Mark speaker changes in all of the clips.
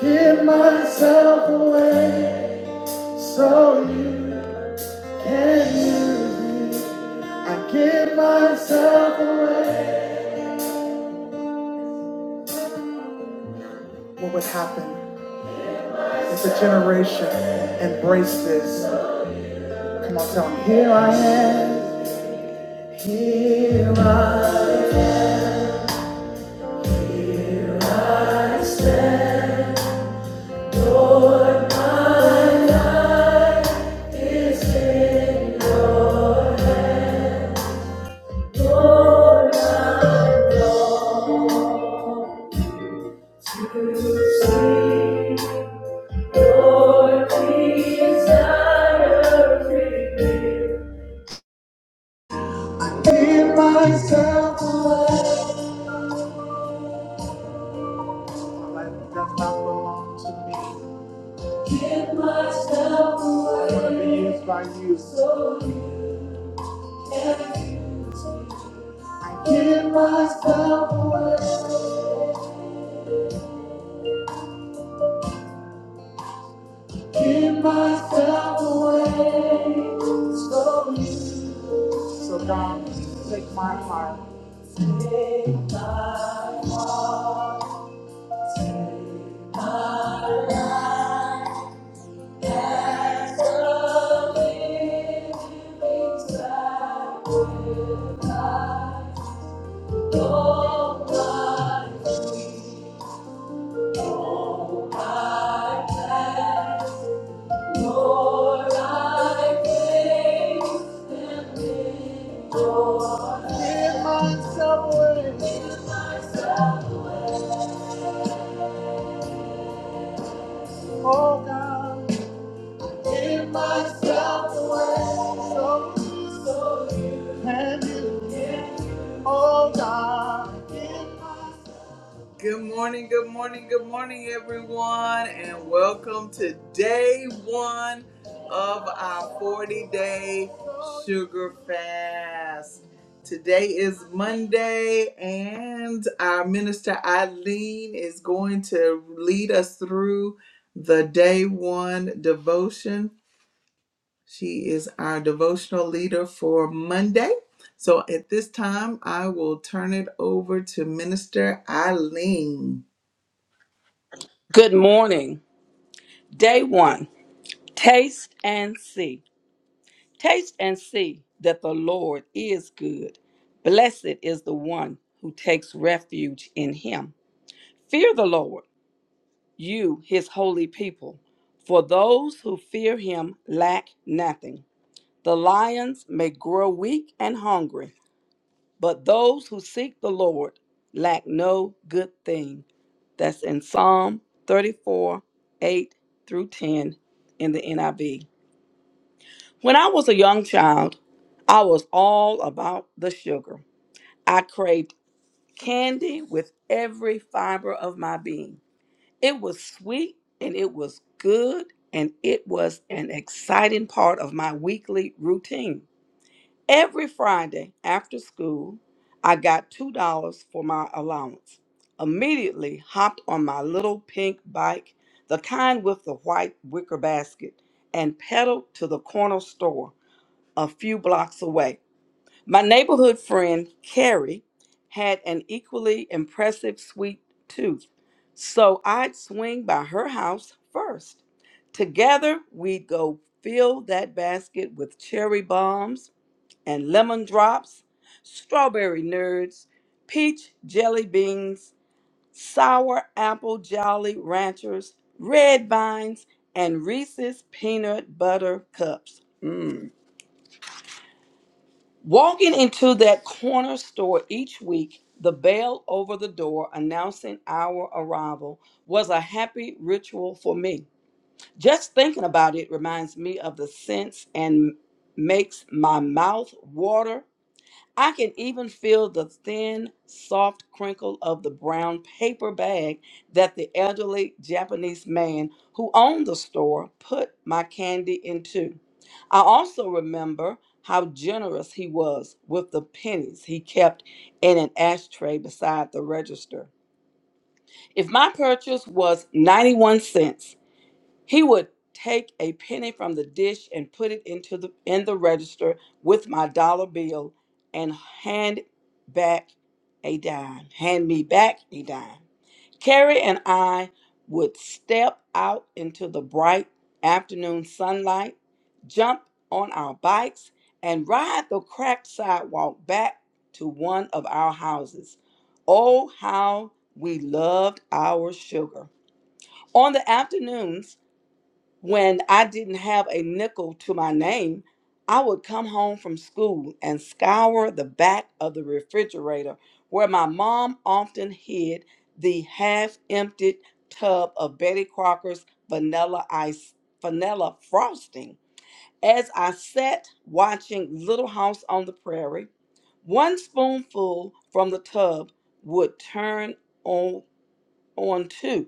Speaker 1: Give myself away so you can use me. I give myself away. What would happen if a generation embraced this? Come on, tell me. Here I am. Here I am. give myself away. My life does not belong to me. I want to be used by you. So give myself away. Give myself away. So God, take my heart. Give myself away, oh God. Give myself away, so, so you can you, oh God. Good morning, good morning, good morning, everyone, and welcome to day one of our 40 day sugar fast. Today is Monday, and our minister Eileen is going to lead us through the day one devotion. She is our devotional leader for Monday. So at this time, I will turn it over to Minister Eileen.
Speaker 2: Good morning. Day one. Taste and see. Taste and see that the Lord is good. Blessed is the one who takes refuge in him. Fear the Lord, you, his holy people, for those who fear him lack nothing. The lions may grow weak and hungry, But those who seek the Lord lack no good thing. That's in Psalm 34 8 through 10 in the NIV. When I was a young child, I was all about the sugar. I craved candy with every fiber of my being. It was sweet and it was good and it was an exciting part of my weekly routine. Every Friday after school, I got $2 for my allowance. Immediately hopped on my little pink bike, the kind with the white wicker basket, and pedaled to the corner store a few blocks away. My neighborhood friend, Carrie, had an equally impressive sweet tooth, so I'd swing by her house first. Together, we'd go fill that basket with cherry bombs and lemon drops, strawberry nerds, peach jelly beans, sour apple jolly ranchers, red vines, and Reese's peanut butter cups. Mmm. Walking into that corner store each week, the bell over the door announcing our arrival was a happy ritual for me. Just thinking about it reminds me of the scents and makes my mouth water I can even feel the thin, soft crinkle of the brown paper bag that the elderly Japanese man who owned the store put my candy into. I also remember how generous he was with the pennies he kept in an ashtray beside the register. If my purchase was 91 cents, he would take a penny from the dish and put it into the in the register with my dollar bill and hand back a dime. Hand me back a dime. Carrie and I would step out into the bright afternoon sunlight, jump on our bikes, and ride the cracked sidewalk back to one of our houses. Oh, how we loved our sugar. On the afternoons, when I didn't have a nickel to my name, I would come home from school and scour the back of the refrigerator where my mom often hid the half emptied tub of Betty Crocker's vanilla ice, vanilla frosting. As I sat watching Little House on the Prairie, one spoonful from the tub would turn on, on two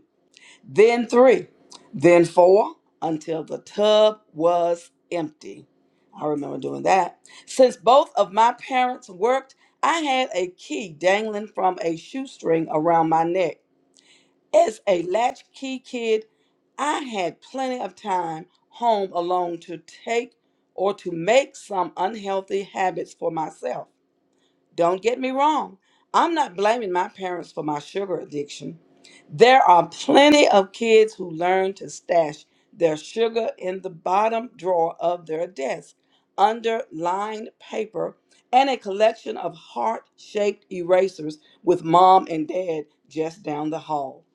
Speaker 2: then three, then four, until the tub was empty. I remember doing that. Since both of my parents worked, I had a key dangling from a shoestring around my neck. As a latchkey kid, I had plenty of time home alone to take or to make some unhealthy habits for myself. Don't get me wrong. I'm not blaming my parents for my sugar addiction. There are plenty of kids who learn to stash their sugar in the bottom drawer of their desk, under lined paper, and a collection of heart shaped erasers with mom and dad just down the hall.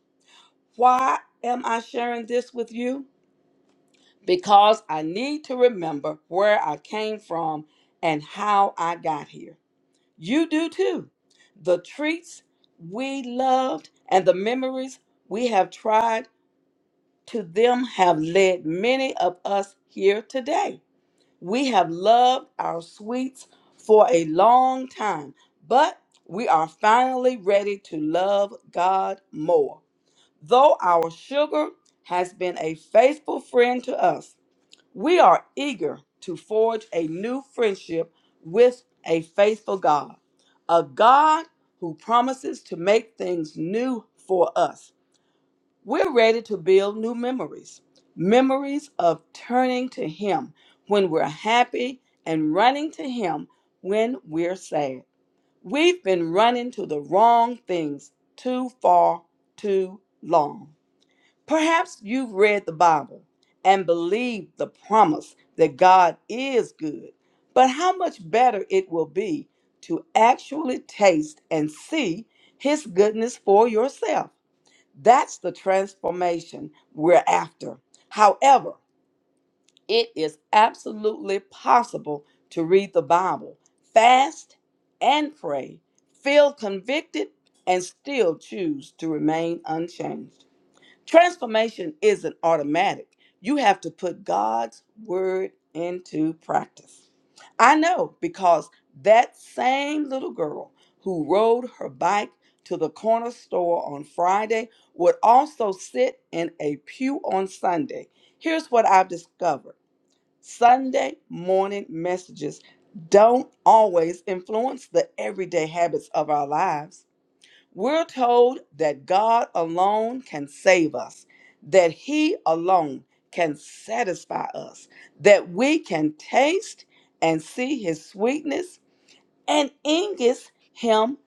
Speaker 2: Why am I sharing this with you? Because I need to remember where I came from and how I got here. You do too. The treats we loved and the memories we have tried to them have led many of us here today. We have loved our sweets for a long time, but we are finally ready to love God more. Though our sugar has been a faithful friend to us, we are eager to forge a new friendship with a faithful God, a God who promises to make things new for us. We're ready to build new memories, memories of turning to Him when we're happy and running to Him when we're sad. We've been running to the wrong things too far, too long. Perhaps you've read the Bible and believed the promise that God is good, but how much better it will be to actually taste and see His goodness for yourself. That's the transformation we're after. However, it is absolutely possible to read the Bible, fast and pray, feel convicted, and still choose to remain unchanged. Transformation isn't automatic. You have to put God's word into practice. I know because that same little girl who rode her bike to the corner store on Friday would also sit in a pew on Sunday. Here's what I've discovered Sunday morning messages don't always influence the everyday habits of our lives. We're told that God alone can save us, that He alone can satisfy us, that we can taste and see His sweetness and ingest Him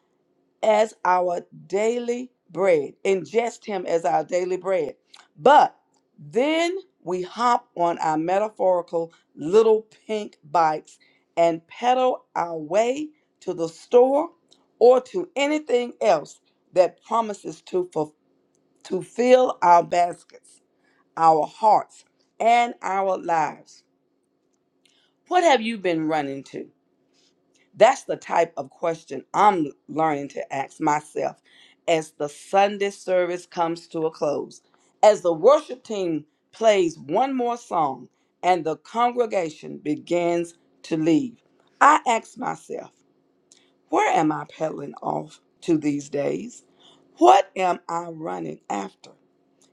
Speaker 2: as our daily bread. Ingest him as our daily bread. But then we hop on our metaphorical little pink bikes and pedal our way to the store or to anything else that promises to, fu- to fill our baskets, our hearts, and our lives. What have you been running to? That's the type of question I'm learning to ask myself as the Sunday service comes to a close. As the worship team plays one more song and the congregation begins to leave, I ask myself, where am I peddling off to these days? What am I running after?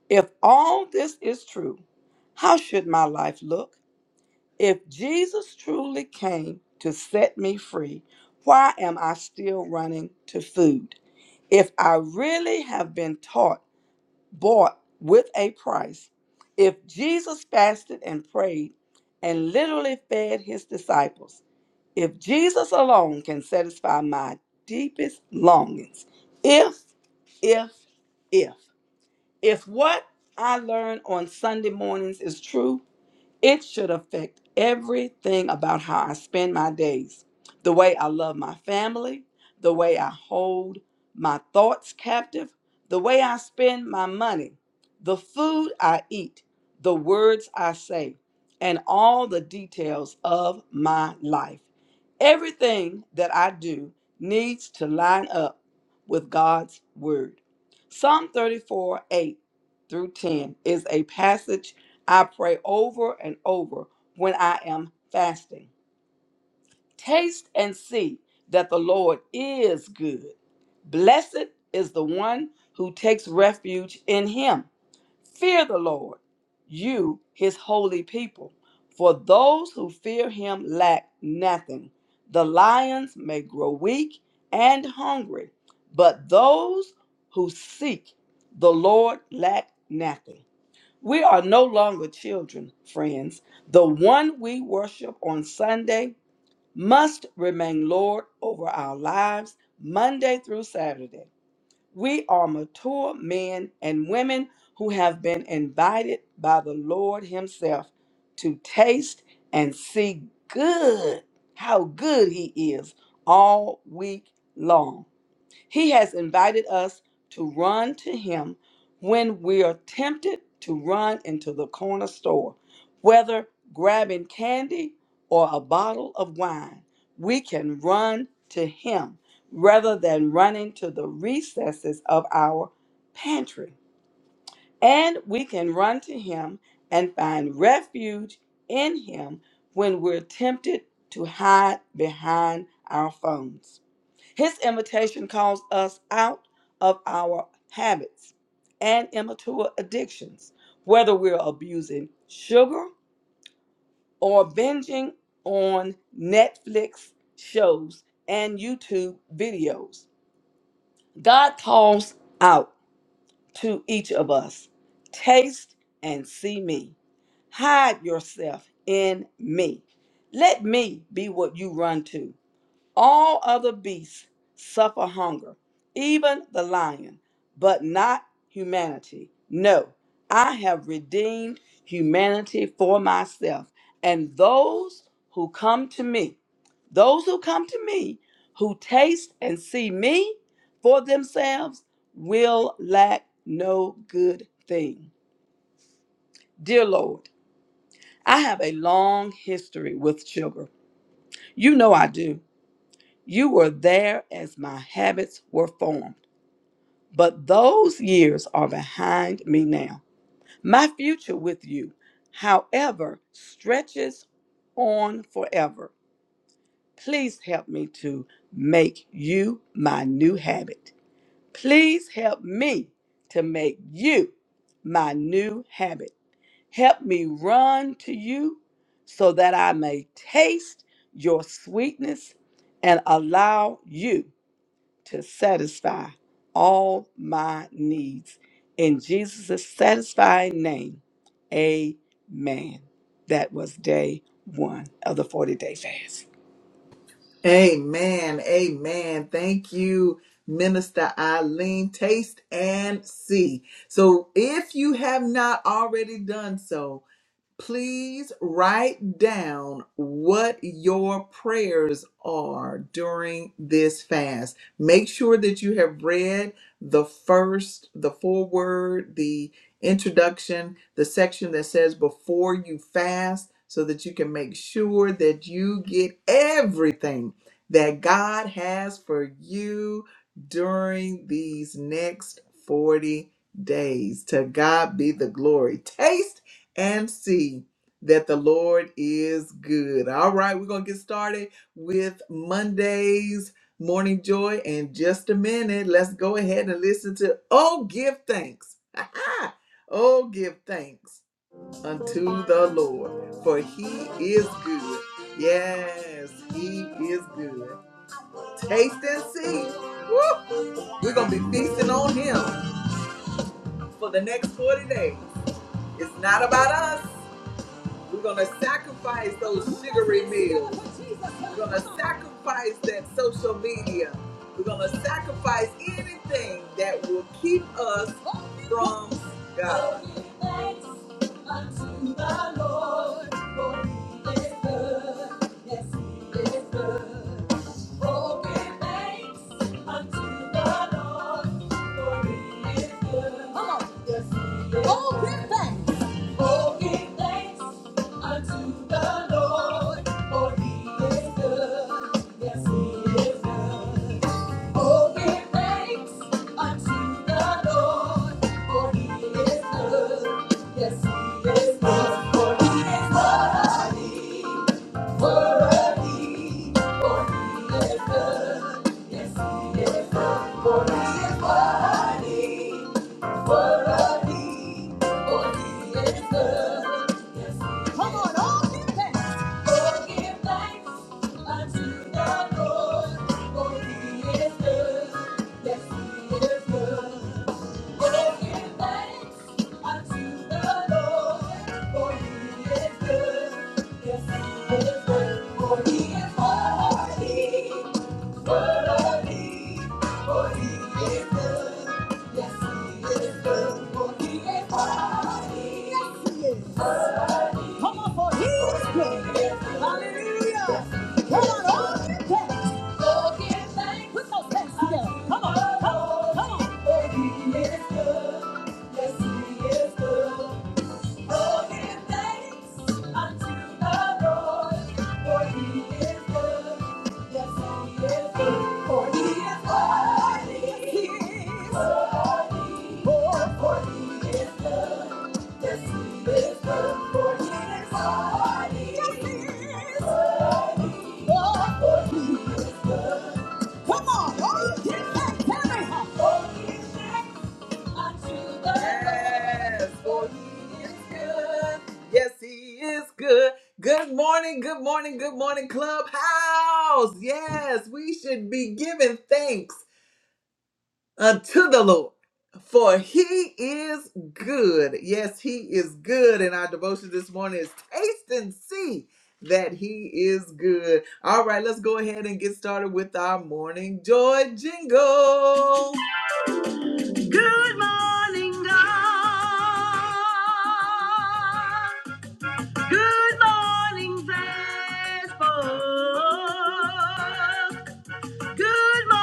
Speaker 2: If all this is true, how should my life look? If Jesus truly came to set me free, why am I still running to food? If I really have been taught, bought with a price, if Jesus fasted and prayed and literally fed his disciples, if Jesus alone can satisfy my deepest longings, if, if, if, if what I learn on Sunday mornings is true, it should affect everything about how I spend my days, the way I love my family, the way I hold my thoughts captive, the way I spend my money, the food I eat, the words I say, and all the details of my life. Everything that I do needs to line up with God's word. Psalm 34 8 through 10 is a passage I pray over and over when I am fasting. Taste and see that the Lord is good. Blessed is the one who takes refuge in him. Fear the Lord, you, his holy people, for those who fear him lack nothing. The lions may grow weak and hungry, but those who seek the Lord lack nothing. We are no longer children, friends. The one we worship on Sunday must remain Lord over our lives Monday through Saturday. We are mature men and women who have been invited by the Lord Himself to taste and see good, how good He is all week long. He has invited us to run to Him when we are tempted to run into the corner store, whether grabbing candy or a bottle of wine. We can run to Him rather than running to the recesses of our pantry. And we can run to Him and find refuge in Him when we're tempted to hide behind our phones. His invitation calls us out of our habits and immature addictions, whether we're abusing sugar or binging on Netflix shows and YouTube videos. God calls out to each of us taste and see me. Hide yourself in me. Let me be what you run to. All other beasts suffer hunger, even the lion, but not humanity. No, I have redeemed humanity for myself. And those who come to me, those who come to me, who taste and see me for themselves, will lack no good thing. Dear Lord, I have a long history with sugar. You know I do. You were there as my habits were formed. But those years are behind me now. My future with you, however, stretches on forever. Please help me to make you my new habit. Please help me to make you my new habit. Help me run to you so that I may taste your sweetness and allow you to satisfy all my needs. In Jesus' satisfying name, amen. That was day one of the 40 day fast.
Speaker 1: Amen. Amen. Thank you, Minister Eileen. Taste and see. So if you have not already done so, please write down what your prayers are during this fast. Make sure that you have read the first, the foreword, the introduction, the section that says before you fast, so that you can make sure that you get everything that God has for you during these next 40 days. To God be the glory. Taste and see that the Lord is good. All right, we're going to get started with Monday's Morning Joy in just a minute. Let's go ahead and listen to Oh, give thanks. oh, give thanks unto the Lord, for he is good. Yes, he is good. Taste and see. Woo! We're going to be feasting on him for the next 40 days. It's not about us. We're going to sacrifice those sugary meals. We're going to sacrifice that social media. We're going to sacrifice anything that will keep us from God. Come on. Oh, give thanks. Oh, give thanks unto the Lord, for He is good. Yes, He is good. Oh, give thanks unto the Lord, for He is good. Yes, He is good. For He is worthy, worthy. For He is good. Yes, He is good. For He is worthy. Come on, all give thanks. Oh, thanks unto the Lord, for he is good. Yes, he is good. Oh, thanks unto the Lord, for he is good. Yes, he is good. For he is worthy. Come on, for he is good. Hallelujah. Come on, all your Oh, he is good. Yes, he is good. Oh, give thanks unto the Lord, for he is good. Yes, he is good, for he is worthy. He is worthy. Oh, for he is good. Yes, he is good, for he is worthy. Yes, he is worthy. Oh, for he is- Come on, oh, give thanks, Terry. Yes, for he is good. Yes, he is good. Good morning, good morning, good morning, Clubhouse. Yes, we should be giving thanks unto the Lord. For he is good. Yes, he is good. And our devotion this morning is taste and see that he is good. All right, let's go ahead and get started with our morning joy jingle. Good, good, for us. good. morning.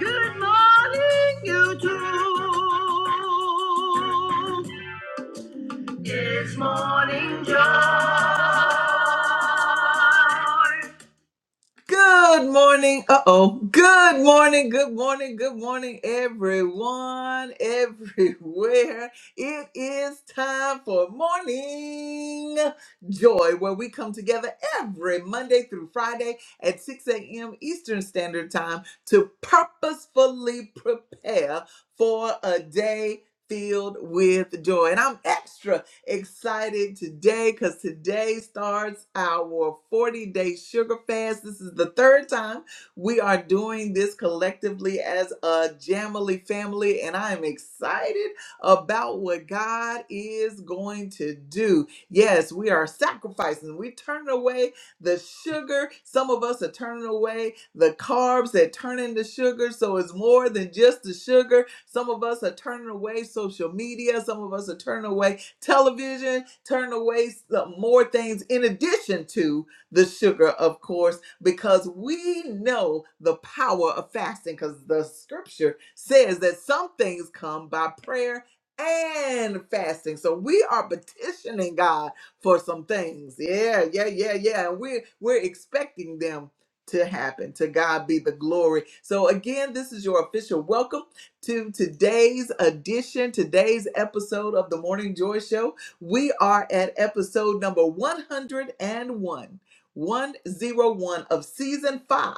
Speaker 1: Good morning, YouTube. This morning. Good morning. Uh oh. Good morning. Good morning. Good morning, everyone, everywhere. It is time for Morning Joy, where we come together every Monday through Friday at 6 a.m. Eastern Standard Time to purposefully prepare for a day filled with joy. And I'm extra excited today because today starts our 40 day sugar fast. This is the third time we are doing this collectively as a Jamily family, and I am excited about what God is going to do. Yes, we are sacrificing, we turn away the sugar. Some of us are turning away the carbs that turn into sugar. So it's more than just the sugar. Some of us are turning away social media. Some of us are turning away television, turn away some more things in addition to the sugar, of course, because we know the power of fasting, because the scripture says that some things come by prayer and fasting. So we are petitioning God for some things. Yeah, yeah, yeah, yeah. And we're we're expecting them to happen. To God be the glory. So again, this is your official welcome to today's edition, today's episode of the Morning Joy Show. We are at episode number 101. 101 of season 5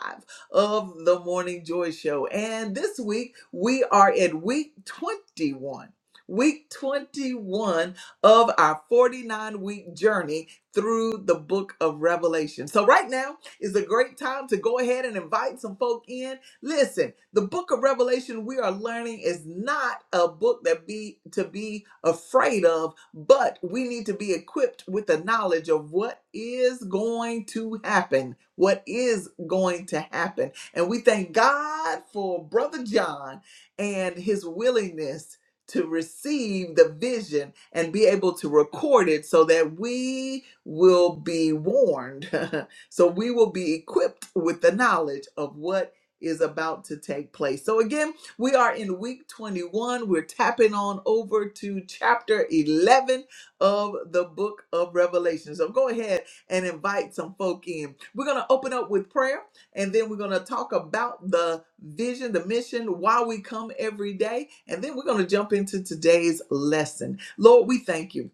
Speaker 1: of the Morning Joy Show. And this week we are in week 21. Week 21 of our 49 week journey through the book of Revelation. So, right now is a great time to go ahead and invite some folk in Listen, the book of Revelation we are learning is not a book that be to be afraid of, but we need to be equipped with the knowledge of what is going to happen, what is going to happen. And we thank God for brother John and his willingness to receive the vision and be able to record it so that we will be warned. so we will be equipped with the knowledge of what is about to take place. So, again, we are in week 21. We're tapping on over to chapter 11 of the book of Revelation. So, go ahead and invite some folk in. We're going to open up with prayer and then we're going to talk about the vision, the mission, why we come every day. And then we're going to jump into today's lesson. Lord, we thank you.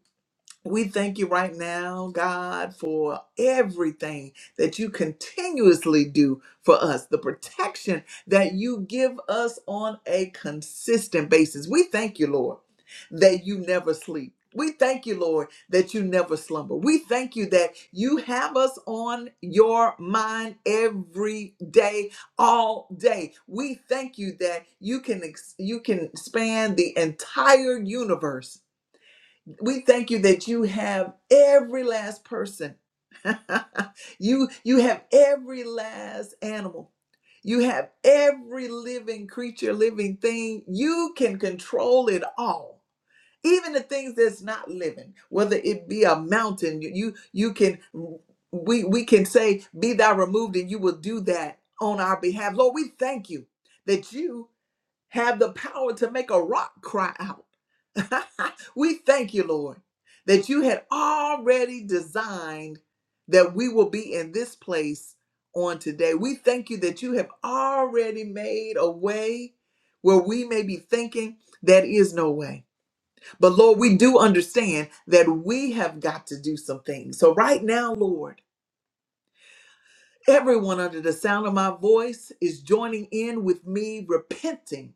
Speaker 1: We thank you right now, God, for everything that you continuously do for us, the protection that you give us on a consistent basis. We thank you, Lord, that you never sleep. We thank you, Lord, that you never slumber. We thank you that you have us on your mind every day, all day. We thank you that you can ex- you can span the entire universe we thank you that you have every last person. you you have every last animal. You have every living creature, living thing. You can control it all. Even the things that's not living, whether it be a mountain, you you, you can we we can say be thou removed and you will do that on our behalf. Lord, we thank you that you have the power to make a rock cry out. we thank you, Lord, that you had already designed that we will be in this place on today. We thank you that you have already made a way where we may be thinking that is no way. But Lord, we do understand that we have got to do some things. So right now, Lord, everyone under the sound of my voice is joining in with me repenting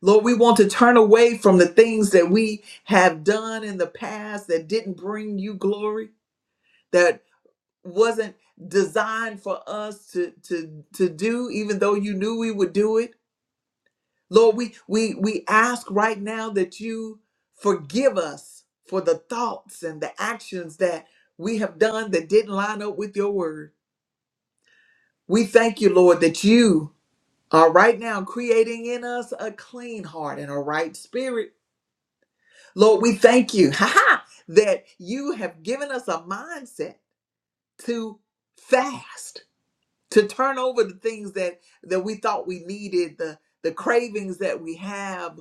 Speaker 1: Lord, we want to turn away from the things that we have done in the past that didn't bring you glory, that wasn't designed for us to, to, to do, even though you knew we would do it. Lord, we, we, we ask right now that you forgive us for the thoughts and the actions that we have done that didn't line up with your word. We thank you, Lord, that you are right now creating in us a clean heart and a right spirit Lord, we thank you ha ha, that you have given us a mindset to fast, to turn over the things that that we thought we needed, the the cravings that we have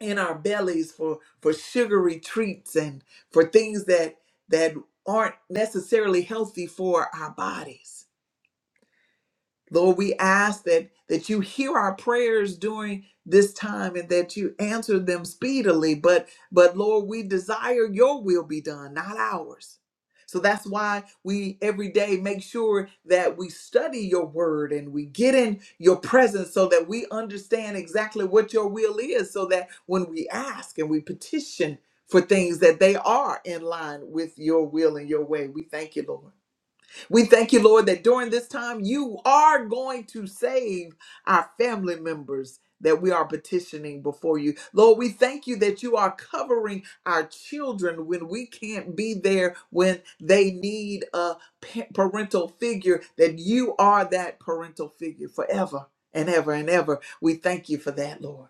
Speaker 1: in our bellies for for sugary treats and for things that that aren't necessarily healthy for our bodies. Lord, we ask that that you hear our prayers during this time and that you answer them speedily. But but Lord, we desire your will be done, not ours. So that's why we every day make sure that we study your word and we get in your presence so that we understand exactly what your will is so that when we ask and we petition for things that they are in line with your will and your way. We thank you, Lord. We thank you, Lord, that during this time you are going to save our family members that we are petitioning before you. Lord, we thank you that you are covering our children when we can't be there when they need a pa- parental figure, that you are that parental figure forever and ever and ever. We thank you for that, Lord.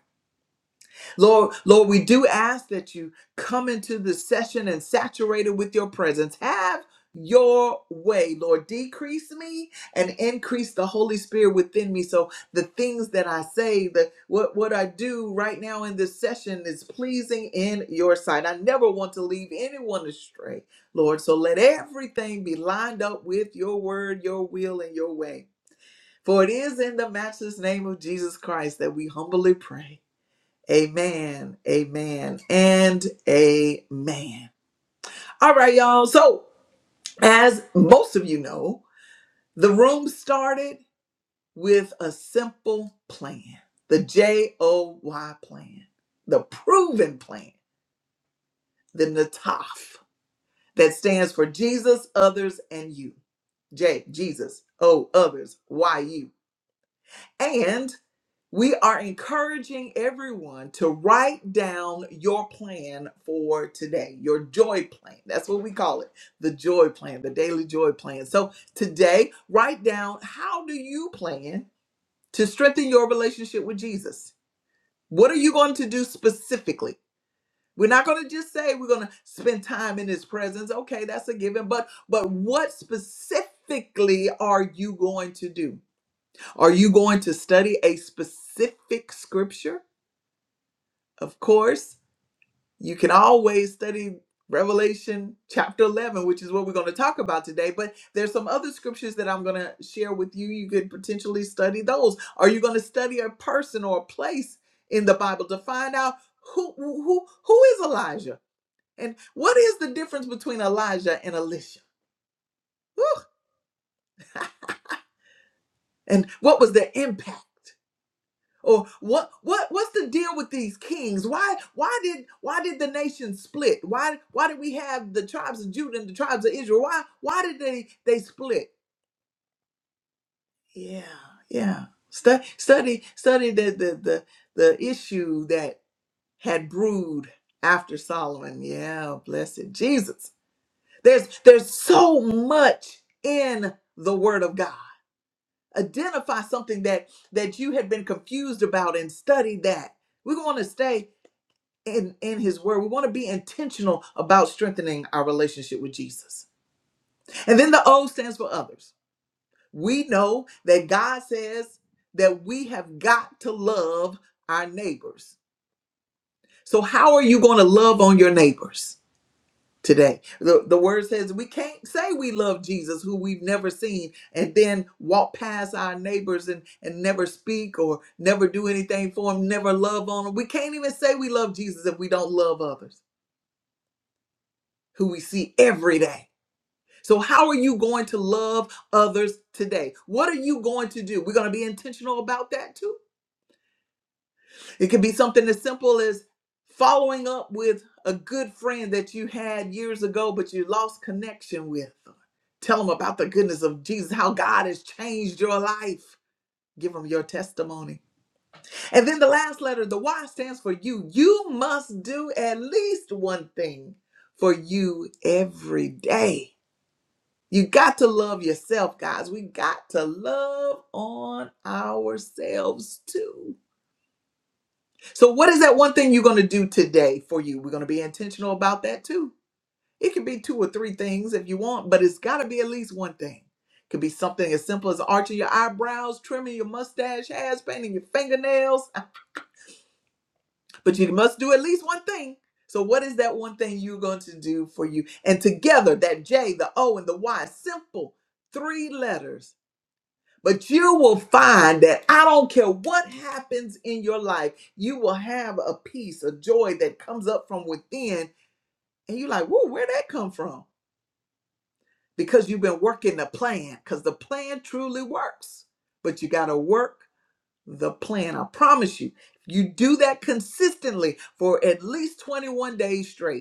Speaker 1: Lord, Lord, we do ask that you come into this session and saturate it with your presence. Have your way, Lord. Decrease me and increase the Holy Spirit within me. So the things that I say, that what, what I do right now in this session is pleasing in your sight. I never want to leave anyone astray, Lord. So let everything be lined up with your word, your will, and your way. For it is in the matchless name of Jesus Christ that we humbly pray. Amen. Amen. And amen. All right, y'all. So, as most of you know, the room started with a simple plan the J O Y plan, the proven plan, the NATAF that stands for Jesus, others, and you. J, Jesus, O, others, Y, you. and. We are encouraging everyone to write down your plan for today, your joy plan. That's what we call it, the joy plan, the daily joy plan. So today, write down how do you plan to strengthen your relationship with Jesus? What are you going to do specifically? We're not going to just say we're going to spend time in his presence. Okay, that's a given, but but what specifically are you going to do? Are you going to study a specific scripture? Of course, you can always study Revelation chapter 11, which is what we're going to talk about today, but there's some other scriptures that I'm going to share with you. You could potentially study those. Are you going to study a person or a place in the Bible to find out who who who is Elijah? And what is the difference between Elijah and Elisha? Whew. And what was the impact? Or what what what's the deal with these kings? Why why did why did the nation split? Why why did we have the tribes of Judah and the tribes of Israel? Why why did they they split? Yeah, yeah. Stu- study study the the the the issue that had brewed after Solomon. Yeah, blessed Jesus. There's there's so much in the word of God. Identify something that that you had been confused about and study that. We're going to stay in in his word we want to be intentional about strengthening our relationship with jesus and then the o stands for others we know that god says that we have got to love our neighbors so how are you going to love on your neighbors today the, the word says we can't say we love jesus who we've never seen and then walk past our neighbors and and never speak or never do anything for them never love on them we can't even say we love jesus if we don't love others who we see every day So, how are you going to love others today? What are you going to do? We're going to be intentional about that too. It could be something as simple as following up with a good friend that you had years ago, but you lost connection with. Tell them about the goodness of Jesus, how God has changed your life. Give them your testimony. And then the last letter, the Y stands for you. You must do at least one thing for you every day You got to love yourself, guys. We got to love on ourselves too. So, what is that one thing you're going to do today for you? We're going to be intentional about that too. It can be two or three things if you want, but it's got to be at least one thing. It could be something as simple as arching your eyebrows, trimming your mustache hairs, painting your fingernails, but you must do at least one thing. So, what is that one thing you're going to do for you? And together, that J, the O, and the Y, simple three letters But you will find that I don't care what happens in your life, you will have a peace, a joy that comes up from within. And you're like, whoa, where'd that come from? Because you've been working the plan, because the plan truly works. But you got to work the plan. I promise you, if you do that consistently for at least 21 days straight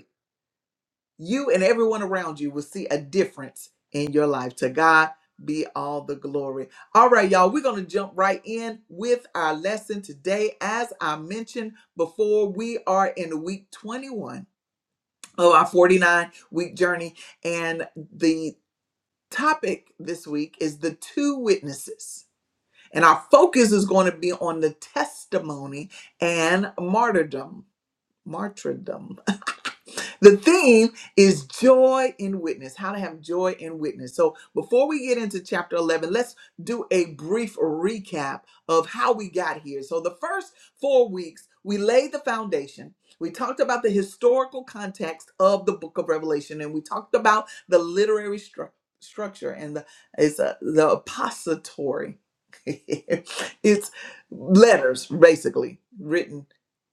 Speaker 1: you and everyone around you will see a difference in your life. To God be all the glory. All right, y'all, we're going to jump right in with our lesson today. As I mentioned before, we are in week 21 of our 49 week journey, and the topic this week is the two witnesses. And our focus is going to be on the testimony and martyrdom. Martyrdom the theme is joy in witness, how to have joy in witness. So before we get into chapter 11, let's do a brief recap of how we got here. So the first four weeks, we laid the foundation. We talked about the historical context of the book of Revelation, and we talked about the literary stru- structure and the, it's a, the apostatory. it's letters, basically, written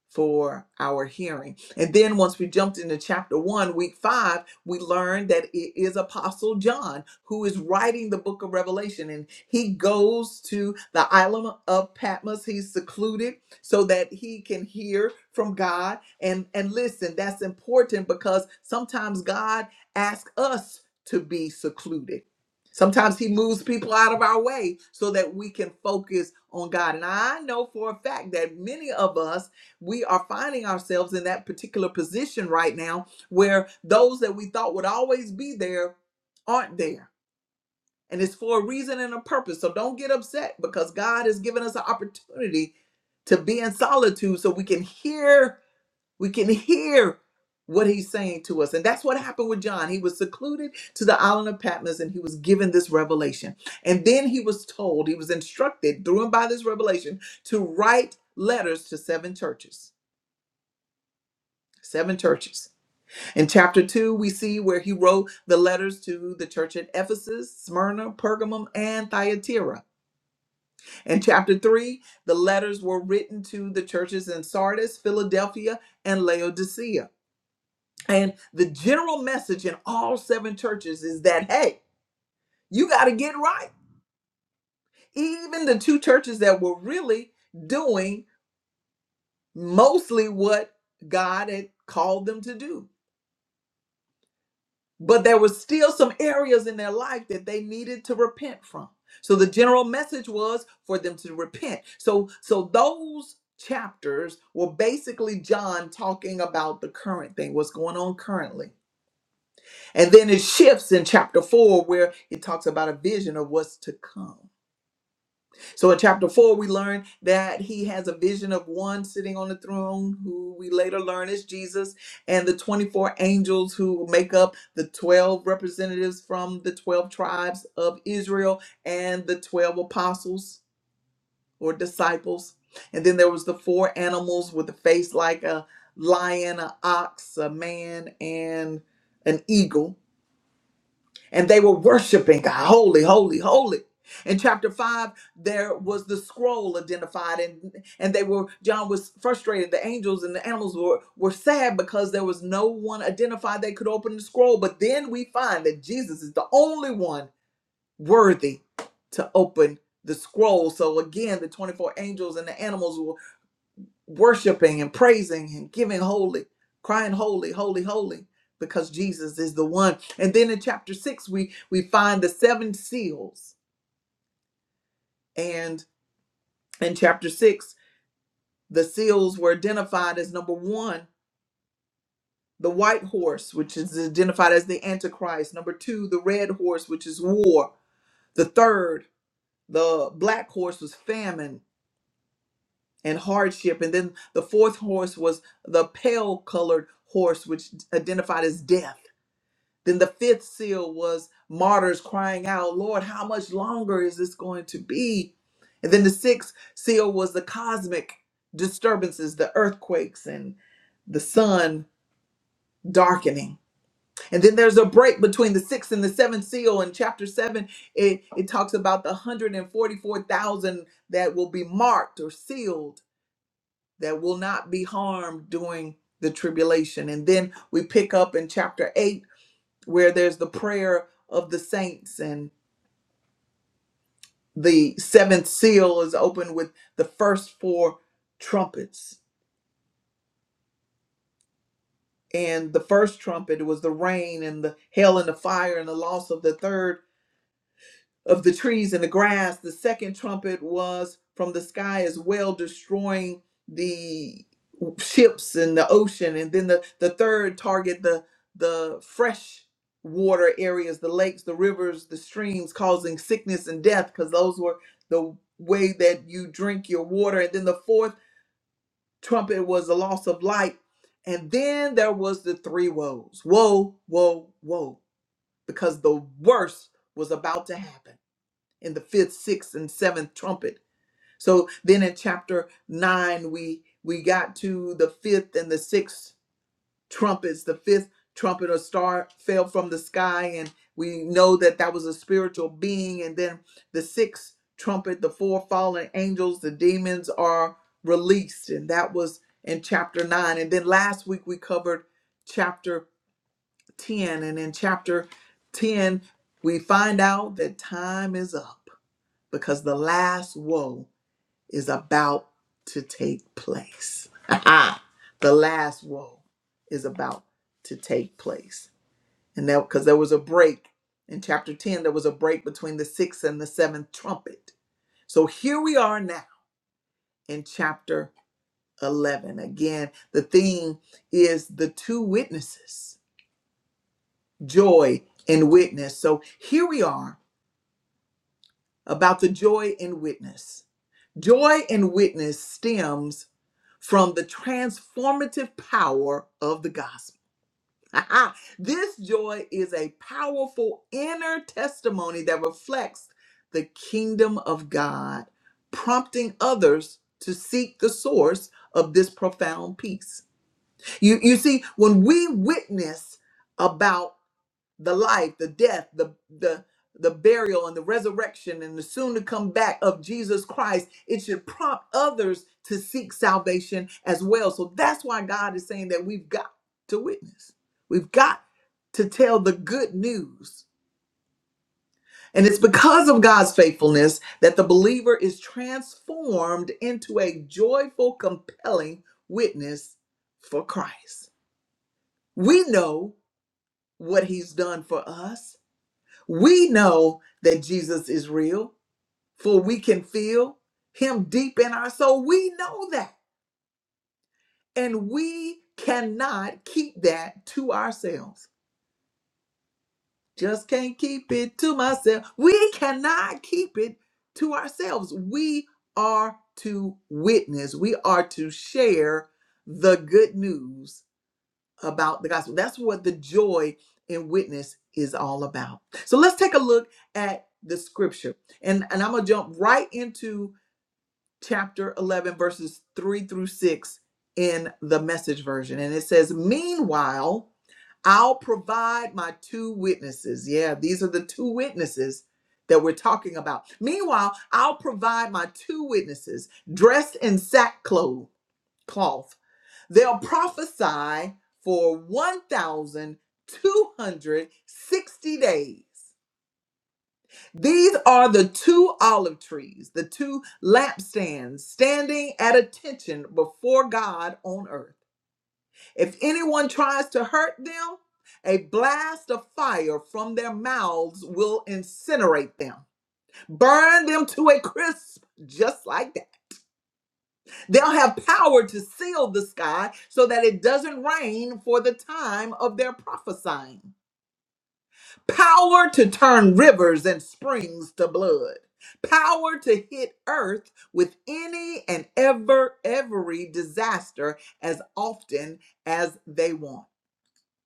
Speaker 1: for our hearing. And then once we jumped into chapter one, week five, we learned that it is Apostle John who is writing the book of Revelation. And he goes to the island of Patmos. He's secluded so that he can hear from God. And, and listen, that's important because sometimes God asks us to be secluded. Sometimes he moves people out of our way so that we can focus on God. And I know for a fact that many of us we are finding ourselves in that particular position right now where those that we thought would always be there aren't there. And it's for a reason and a purpose. So don't get upset because God has given us an opportunity to be in solitude so we can hear, we can hear what he's saying to us. And that's what happened with John. He was secluded to the island of Patmos and he was given this revelation. And then he was told, he was instructed through and by this revelation to write letters to seven churches seven churches. In chapter 2, we see where he wrote the letters to the church at Ephesus, Smyrna, Pergamum, and Thyatira. In chapter 3, the letters were written to the churches in Sardis, Philadelphia, and Laodicea. And the general message in all seven churches is that, hey, you got to get right. Even the two churches that were really doing mostly what God had called them to do. but there was still some areas in their life that they needed to repent from so the general message was for them to repent so so those chapters were basically john talking about the current thing what's going on currently and then it shifts in chapter 4 where it talks about a vision of what's to come so in chapter four, we learn that he has a vision of one sitting on the throne, who we later learn is Jesus, and the 24 angels who make up the 12 representatives from the 12 tribes of Israel and the 12 apostles or disciples. And then there was the four animals with a face like a lion, an ox, a man, and an eagle and they were worshiping God, holy, holy, holy. In chapter five, there was the scroll identified, and and they were John was frustrated. The angels and the animals were were sad because there was no one identified that could open the scroll. But then we find that Jesus is the only one worthy to open the scroll. So again, the twenty four angels and the animals worshiping and praising and giving holy, crying holy, holy, holy, because Jesus is the one. And then in chapter six, we we find the seven seals. And in chapter six, the seals were identified as number one, the white horse, which is identified as the Antichrist. Number two, the red horse, which is war. The third, the black horse was famine and hardship. And then the fourth horse was the pale colored horse, which identified as death Then the fifth seal was martyrs crying out, Lord, how much longer is this going to be? And then the sixth seal was the cosmic disturbances, the earthquakes, and the sun darkening. And then there's a break between the sixth and the seventh seal. In chapter seven, it, it talks about the 144,000 that will be marked or sealed that will not be harmed during the tribulation. And then we pick up in chapter 8 where there's the prayer of the saints and the seventh seal is opened with the first four trumpets and the first trumpet was the rain and the hail and the fire and the loss of the third of the trees and the grass the second trumpet was from the sky as well destroying the ships in the ocean and then the, the third target the the fresh water areas the lakes the rivers the streams causing sickness and death because those were the way that you drink your water and then the fourth trumpet was the loss of light and then there was the three woes woe woe woe because the worst was about to happen in the fifth sixth and seventh trumpet so then in chapter nine we we got to the fifth and the sixth trumpets. The fifth trumpet or star fell from the sky, and we know that that was a spiritual being. And then the sixth trumpet, the four fallen angels, the demons are released, and that was in chapter nine. And then last week we covered chapter 10, and in chapter 10, we find out that time is up because the last woe is about to take place. the last woe is about to take place. And that because there was a break in chapter 10, there was a break between the sixth and the seventh trumpet. So here we are now in chapter 11. Again, the theme is the two witnesses, joy and witness. So here we are about the joy and witness. Joy and witness stems from the transformative power of the gospel. this joy is a powerful inner testimony that reflects the kingdom of God, prompting others to seek the source of this profound peace. You, you see, when we witness about the life, the death, the the the burial and the resurrection and the soon to come back of Jesus Christ, it should prompt others to seek salvation as well. So that's why God is saying that we've got to witness. We've got to tell the good news. And it's because of God's faithfulness that the believer is transformed into a joyful, compelling witness for Christ. We know what he's done for us We know that Jesus is real, for we can feel him deep in our soul. We know that. And we cannot keep that to ourselves. Just can't keep it to myself. We cannot keep it to ourselves. We are to witness, we are to share the good news about the gospel. That's what the joy in witness is all about. So let's take a look at the scripture. And, and I'm going to jump right into chapter 11, verses 3 through 6 in the message version. And it says, Meanwhile, I'll provide my two witnesses. Yeah, these are the two witnesses that we're talking about. Meanwhile, I'll provide my two witnesses dressed in sackcloth cloth They'll prophesy for 1,260 days. These are the two olive trees, the two lampstands standing at attention before God on earth. If anyone tries to hurt them, a blast of fire from their mouths will incinerate them, burn them to a crisp, just like that. They'll have power to seal the sky so that it doesn't rain for the time of their prophesying. Power to turn rivers and springs to blood. Power to hit earth with any and ever every disaster as often as they want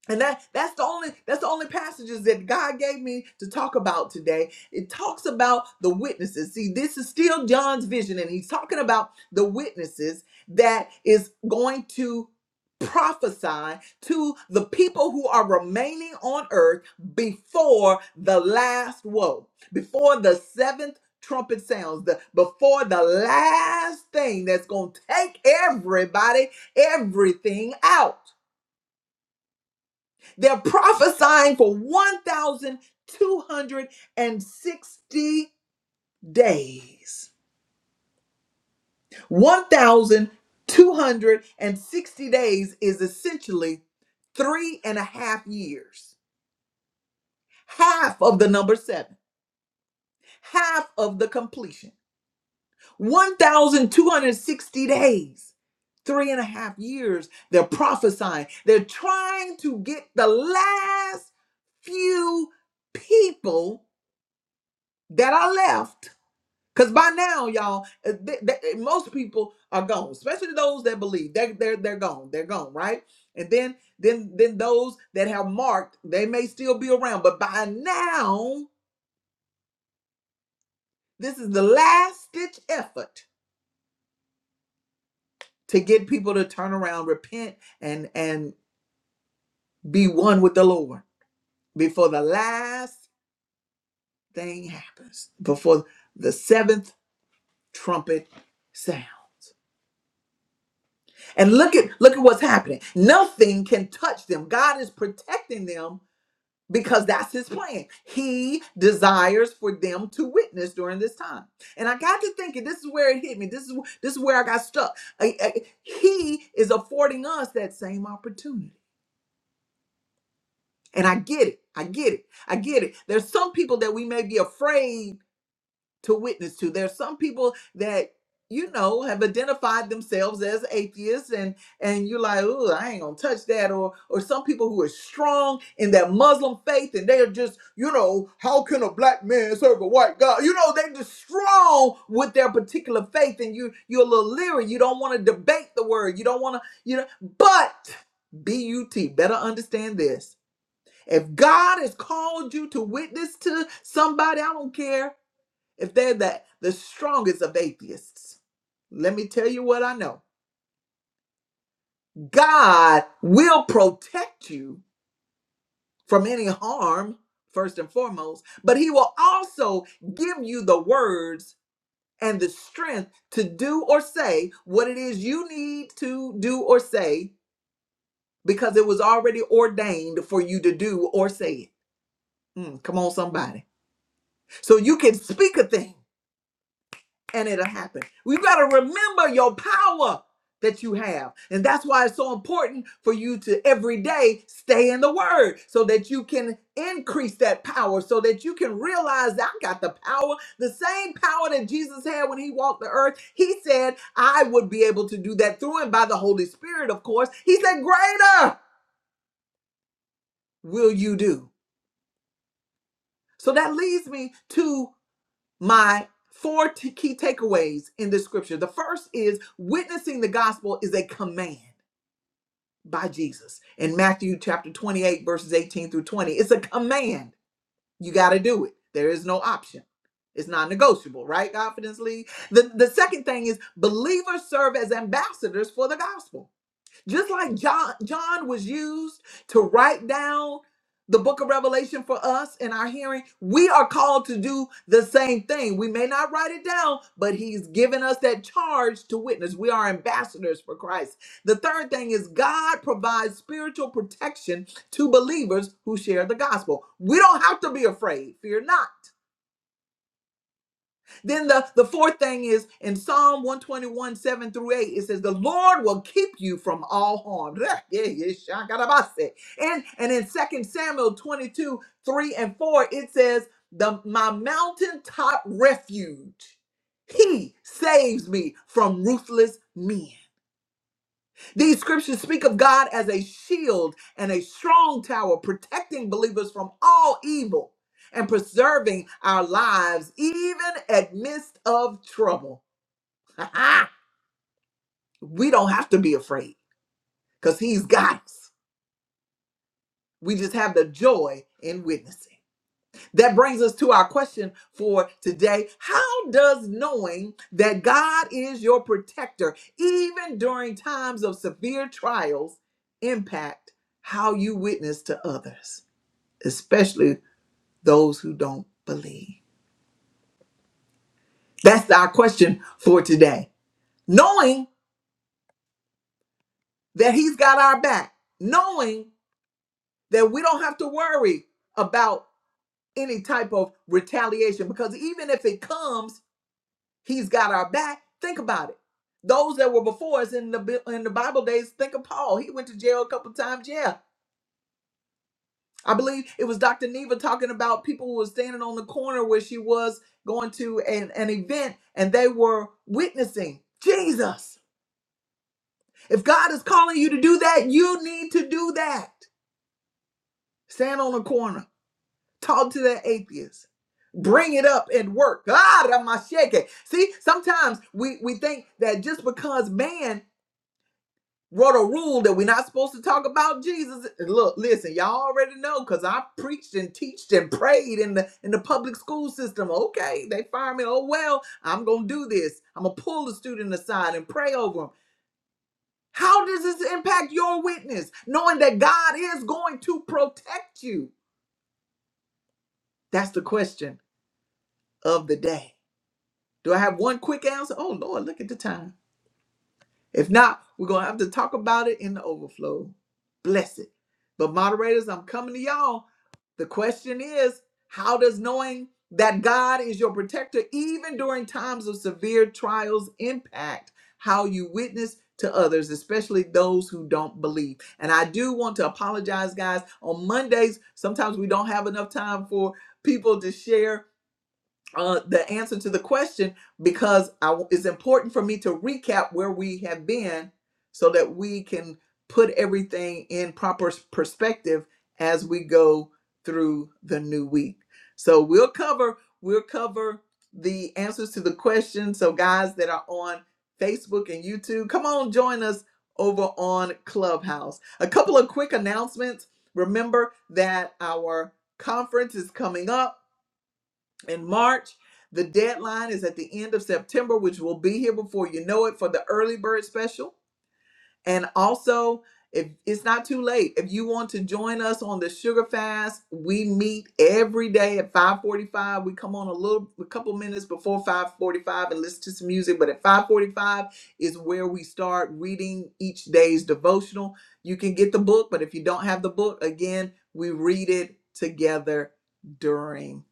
Speaker 1: and that that's the only that's the only passages that God gave me to talk about today. It talks about the witnesses. See, this is still John's vision and he's talking about the witnesses that is going to prophesy to the people who are remaining on earth before the last woe, before the seventh trumpet sounds, the before the last thing that's going to take everybody everything out. They're prophesying for 1,260 days. 1,260 days is essentially three and a half years, half of the number seven, half of the completion. 1,260 days, three and a half years. They're prophesying. They're trying to get the last few people that are left Cause by now, y'all, uh, th- th- most people are gone, especially those that believe they're they're they're gone, they're gone, right? And then then then those that have marked, they may still be around, but by now, this is the last ditch effort to get people to turn around, repent, and and be one with the Lord before the last thing happens, before the seventh trumpet sounds. And look at look at what's happening. Nothing can touch them. God is protecting them because that's his plan. He desires for them to witness during this time. And I got to thinking this is where it hit me. This is wh- this is where I got stuck. I- I- he is affording us that same opportunity. And I get it. I get it. I get it. There's some people that we may be afraid to witness to. There's some people that you know have identified themselves as atheists and and you're like oh i ain't gonna touch that or or some people who are strong in their muslim faith and they're just you know how can a black man serve a white god you know they're just strong with their particular faith and you you're a little leery you don't want to debate the word you don't want to you know but but better understand this if god has called you to witness to somebody i don't care if they're the, the strongest of atheists, let me tell you what I know. God will protect you from any harm, first and foremost, but He will also give you the words and the strength to do or say what it is you need to do or say because it was already ordained for you to do or say it. Mm, come on, somebody. So you can speak a thing and it'll happen. We've got to remember your power that you have. And that's why it's so important for you to every day stay in the word so that you can increase that power, so that you can realize that I got the power, the same power that Jesus had when he walked the earth. He said, I would be able to do that through and by the Holy Spirit, of course. He said, Greater will you do. So that leads me to my four t- key takeaways in this scripture. The first is witnessing the gospel is a command by Jesus in Matthew chapter 28, verses 18 through 20. It's a command. You got to do it, there is no option. It's non negotiable, right? Confidence League. The, the second thing is believers serve as ambassadors for the gospel. Just like John, John was used to write down the book of Revelation for us in our hearing, we are called to do the same thing. We may not write it down, but he's given us that charge to witness. We are ambassadors for Christ. The third thing is God provides spiritual protection to believers who share the gospel. We don't have to be afraid. Fear not. Then the, the fourth thing is in Psalm 121, 7 through 8, it says, The Lord will keep you from all harm. Reh, yeah, yeah, shakarabase. And, and in Second Samuel 22, 3 and 4, it says, the, My mountaintop refuge, he saves me from ruthless men. These scriptures speak of God as a shield and a strong tower, protecting believers from all evil and preserving our lives even at midst of trouble. we don't have to be afraid because he's got us. We just have the joy in witnessing. That brings us to our question for today. How does knowing that God is your protector, even during times of severe trials, impact how you witness to others, especially those who don't believe? That's our question for today. Knowing that He's got our back, knowing that we don't have to worry about any type of retaliation, because even if it comes, He's got our back. Think about it. Those that were before us in the Bi- in the Bible days, think of Paul. He went to jail a couple times. Yeah, I believe it was Dr. Neva talking about people who were standing on the corner where she was going to an, an event and they were witnessing Jesus. If God is calling you to do that, you need to do that. Stand on the corner, talk to that atheist, bring it up at work. God, I'm See, sometimes we we think that just because man wrote a rule that we're not supposed to talk about Jesus. And Look, listen, y'all already know because I preached and teached and prayed in the in the public school system. Okay, they fire me. Oh well, I'm gonna do this. I'm gonna pull the student aside and pray over them. How does this impact your witness? Knowing that God is going to protect you. That's the question of the day. Do I have one quick answer? Oh Lord, look at the time. If not, we're going to have to talk about it in the overflow. Bless it. But, moderators, I'm coming to y'all. The question is how does knowing that God is your protector, even during times of severe trials, impact how you witness to others, especially those who don't believe? And I do want to apologize, guys. On Mondays, sometimes we don't have enough time for people to share uh, the answer to the question because I, it's important for me to recap where we have been so that we can put everything in proper s- perspective as we go through the new week. So we'll cover we'll cover the answers to the questions. So guys that are on Facebook and YouTube, come on join us over on Clubhouse. A couple of quick announcements. Remember that our conference is coming up in March. The deadline is at the end of September, which will be here before you know it for the early bird special. And also, if it's not too late, if you want to join us on the sugar fast, we meet every day at 5:45. We come on a little a couple minutes before 5:45 and listen to some music, but at 5:45 is where we start reading each day's devotional. You can get the book, but if you don't have the book, again, we read it together during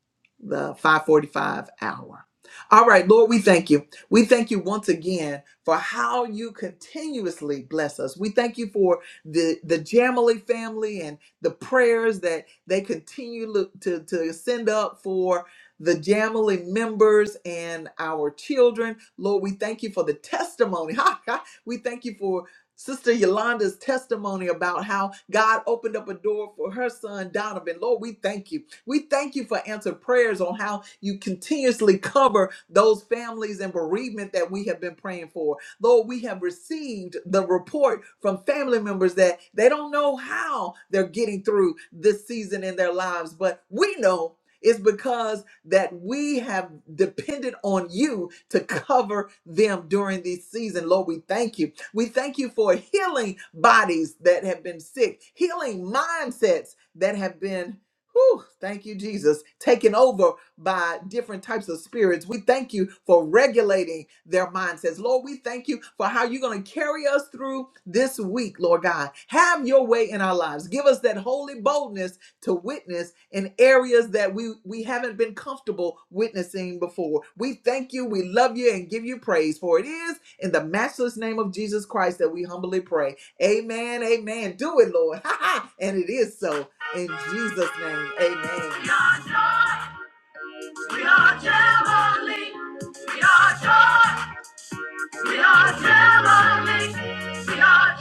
Speaker 1: the 5:45 hour. All right, Lord, we thank you. We thank you once again for how you continuously bless us. We thank you for the, the Jamily family and the prayers that they continue lo- to, to send up for the Jamily members and our children. Lord, we thank you for the testimony. Ha, ha. we thank you for Sister Yolanda's testimony about how God opened up a door for her son Donovan. Lord, we thank you. We thank you for answered prayers on how you continuously cover those families and bereavement that we have been praying for. Lord, we have received the report from family members that they don't know how they're getting through this season in their lives, but we know it's because that we have depended on you to cover them during this season. Lord, we thank you. We thank you for healing bodies that have been sick, healing mindsets that have been Whew, thank you, Jesus. Taken over by different types of spirits. We thank you for regulating their mindsets. Lord, we thank you for how you're going to carry us through this week, Lord God. Have your way in our lives. Give us that holy boldness to witness in areas that we, we haven't been comfortable witnessing before. We thank you, we love you, and give you praise. For it is in the matchless name of Jesus Christ that we humbly pray. Amen, amen. Do it, Lord. and it is so. In Jesus' name, amen. We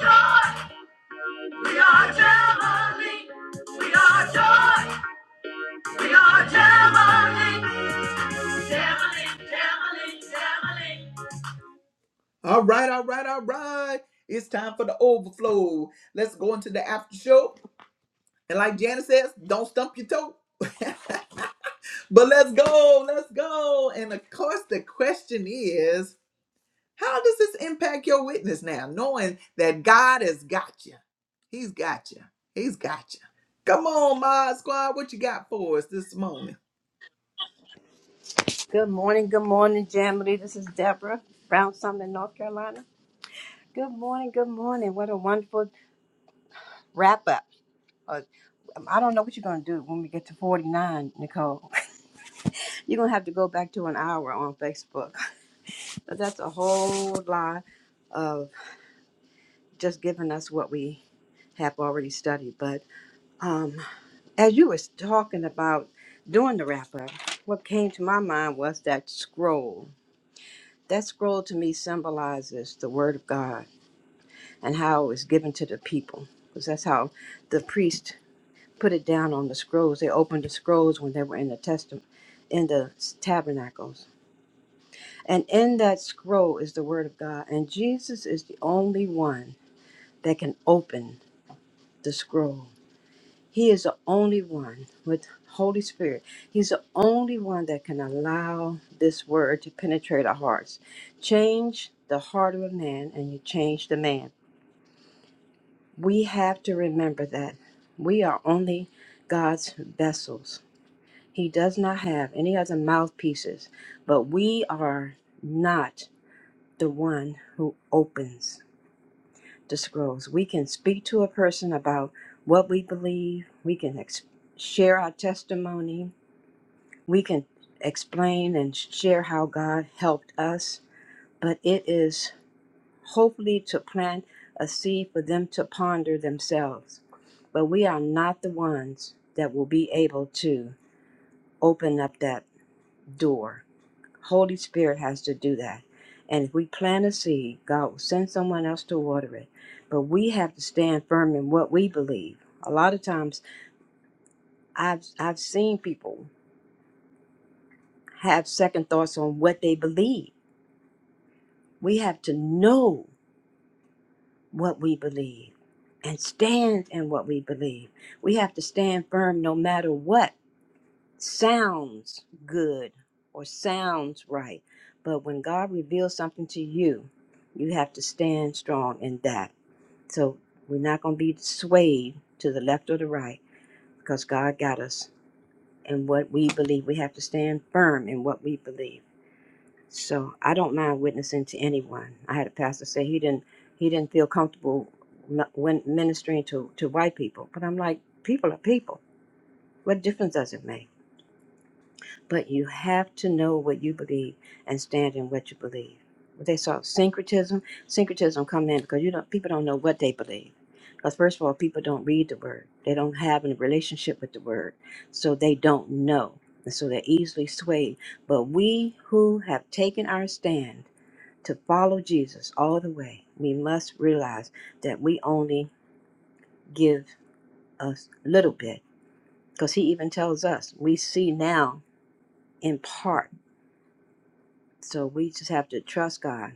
Speaker 1: are joy. We are Jamali. We are joy. We are Jamali. Jamali, Jamali, Jamali. All right, all right, all right. It's time for the overflow. Let's go into the after show. And like Janice says, don't stump your toe. but let's go, let's go. And of course, the question is. How does this impact your witness now, knowing that God has got you? He's got you. He's got you. Come on, Mod Squad, what you got for us this morning?
Speaker 3: Good morning, good morning, Jamily. This is Deborah Brown Summit, North Carolina. Good morning, good morning. What a wonderful wrap up. Uh, I don't know what you're going to do when we get to 49, Nicole. You're going to have to go back to an hour on Facebook. But that's a whole lot of just giving us what we have already studied. But um, as you was talking about doing the wrap up, what came to my mind was that scroll. That scroll to me symbolizes the Word of God and how it was given to the people. Because that's how the priest put it down on the scrolls. They opened the scrolls when they were in the testament, in the tabernacles. And in that scroll is the word of God. And Jesus is the only one that can open the scroll. He is the only one with Holy Spirit. He's the only one that can allow this word to penetrate our hearts. Change the heart of a man and you change the man. We have to remember that we are only God's vessels. He does not have any other mouthpieces, but we are not the one who opens the scrolls. We can speak to a person about what we believe, we can ex- share our testimony, we can explain and share how God helped us, but it is. hopefully to plant a seed for them to ponder themselves. But we are not the ones that will be able to open up that door. Holy Spirit has to do that. And if we plant a seed, God will send someone else to water it. But we have to stand firm in what we believe. A lot of times I've I've seen people have second thoughts on what they believe. We have to know. what we believe and stand in what we believe. We have to stand firm no matter what sounds good or sounds right. But when God reveals something to you, you have to stand strong in that. So we're not going to be swayed to the left or the right because God got us in what we believe. We have to stand firm in what we believe. So I don't mind witnessing to anyone. I had a pastor say he didn't he didn't feel comfortable m- when ministering to to white people, but I'm like, people are people. What difference does it make? But you have to know what you believe and stand in what you believe. What They saw syncretism. Syncretism come in because you don't people don't know what they believe. Because first of all, people don't read the word. They don't have a relationship with the word, so they don't know, and so they're easily swayed. But we who have taken our stand to follow Jesus all the way, we must realize that we only give a little bit because he even tells us we see now in part. So we just have to trust God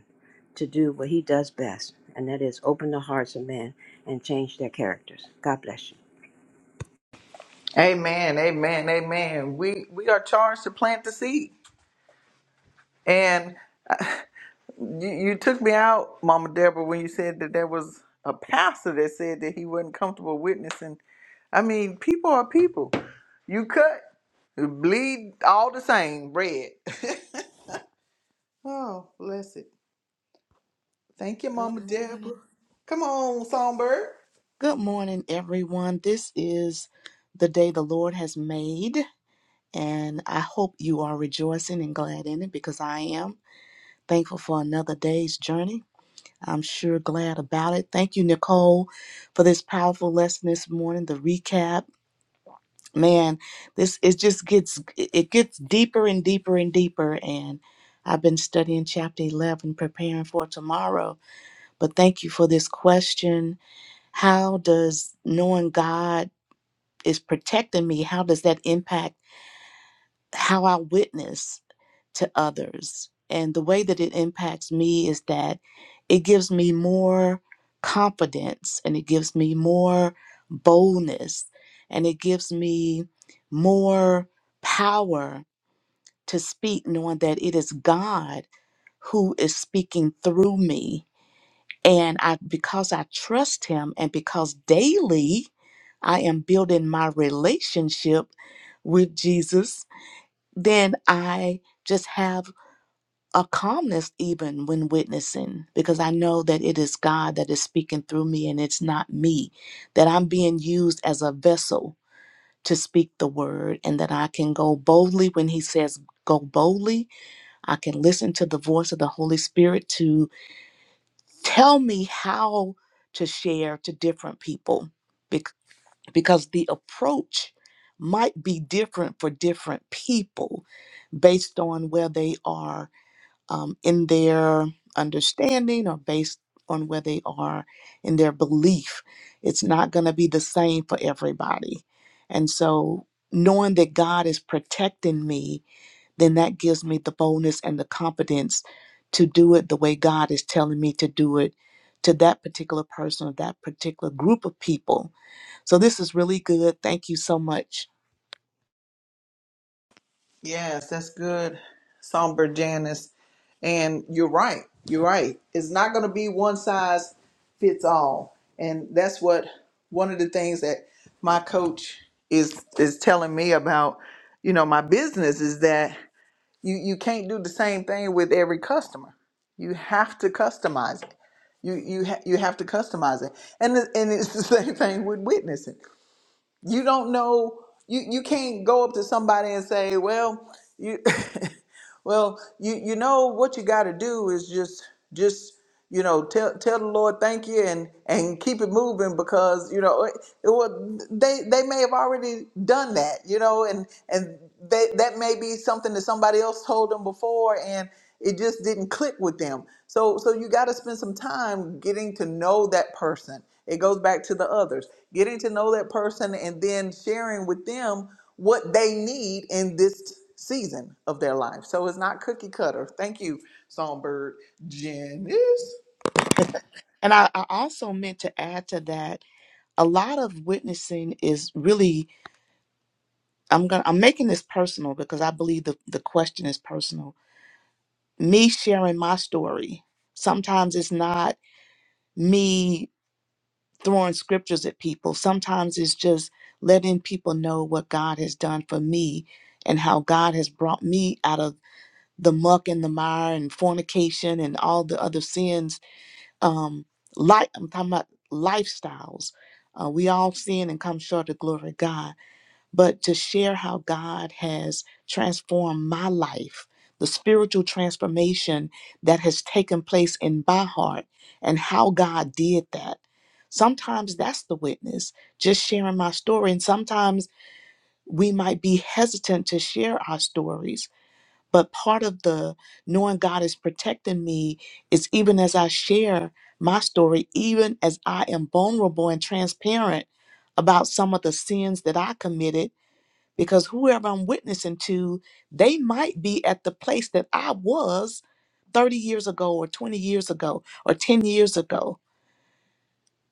Speaker 3: to do what he does best, and that is open the hearts of men and change their characters. God bless you.
Speaker 1: Amen, amen, amen. We we are charged to plant the seed, and uh, you, you took me out, Mama Deborah, when you said that there was a pastor that said that he wasn't comfortable witnessing. I mean, people are people. You cut, bleed all the same bread. oh, bless it. Thank you,
Speaker 4: Good
Speaker 1: Mama
Speaker 4: morning.
Speaker 1: Deborah. Come on, Songbird.
Speaker 4: Good morning, everyone. This is the day the Lord has made, and I hope you are rejoicing and glad in it because I am thankful for another day's journey. I'm sure glad about it. Thank you, Nicole, for this powerful lesson this morning, the recap. Man, this it just gets it gets deeper and deeper and deeper and I've been studying chapter 11 preparing for tomorrow. But thank you for this question How does knowing God is protecting me, how does that impact how I witness to others? And the way that it impacts me is that it gives me more confidence and it gives me more boldness and it gives me more power to speak, knowing that it is God who is speaking through me And I because I trust him and because daily I am building my relationship with Jesus, then I just have a calmness even when witnessing because I know that it is God that is speaking through me and it's not me, that I'm being used as a vessel to speak the word and that I can go boldly when he says go boldly. I can listen to the voice of the Holy Spirit to tell me how to share to different people bec- because the approach might be different for different people based on where they are um, in their understanding or based on where they are in their belief. It's not going to be the same for everybody. And so, knowing that God is protecting me then that gives me the boldness and the confidence to do it the way God is telling me to do it to that particular person or that particular group of people. So this is really good. Thank you so much.
Speaker 1: Yes, that's good, Songbird Janice. And you're right. You're right. It's not going to be one size fits all, and that's what one of the things that my coach is is telling me about. You know, my business is that you you can't do the same thing with every customer. You have to customize it. You you ha- you have to customize it, and it- and it's the same thing with witnessing. you don't know you you can't go up to somebody and say well you well you you know what you got to do is just just you know tell tell the lord thank you and and keep it moving because you know it, it wa- they they may have already done that you know and and they, that may be something that somebody else told them before and it just didn't click with them so so you got to spend some time getting to know that person it goes back to the others. Getting to know that person and then sharing with them what they need in this season of their life. So it's not cookie cutter. Thank you, Songbird. Janice.
Speaker 4: And I, I also meant to add to that a lot of witnessing is really I'm gonna I'm making this personal because I believe the, the question is personal. Me sharing my story. Sometimes it's not me throwing scriptures at people. Sometimes it's just letting people know what God has done for me and how God has brought me out of the muck and the mire and fornication and all the other sins. Um, like I'm talking about lifestyles. Uh, we all sin and come short of the glory of God but to share how God has transformed my life, the spiritual transformation that has taken place in my heart, and how God did that. Sometimes that's the witness, just sharing my story. And sometimes we might be hesitant to share our stories. But part of the knowing God is protecting me is even as I share my story, even as I am vulnerable and transparent about some of the sins that I committed because whoever I'm witnessing to, they might be at the place that I was 30 years ago, or 20 years ago, or 10 years ago.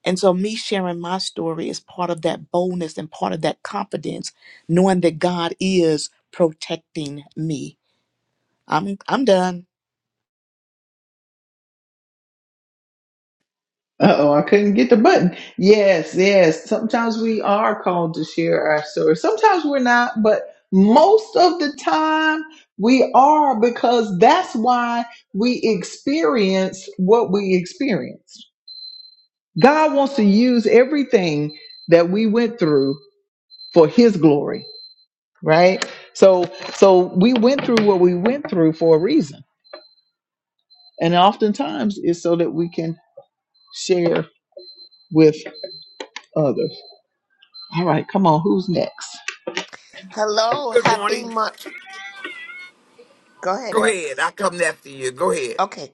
Speaker 4: And so, me sharing my story is part of that boldness and part of that confidence, knowing that God is protecting me. I'm I'm done.
Speaker 1: Uh-oh, I couldn't get the button. Yes, yes. Sometimes we are called to share our story. Sometimes we're not, but most of the time we are because that's why we experience what we experience. God wants to use everything that we went through for his glory, right? So so we went through what we went through for a reason. And oftentimes it's so that we can share with others. All right, come on, who's next?
Speaker 5: Hello,
Speaker 6: Good
Speaker 5: happy
Speaker 6: morning.
Speaker 5: month. Go ahead,
Speaker 6: Go
Speaker 5: El.
Speaker 6: ahead. I come after you. Go ahead.
Speaker 5: Okay,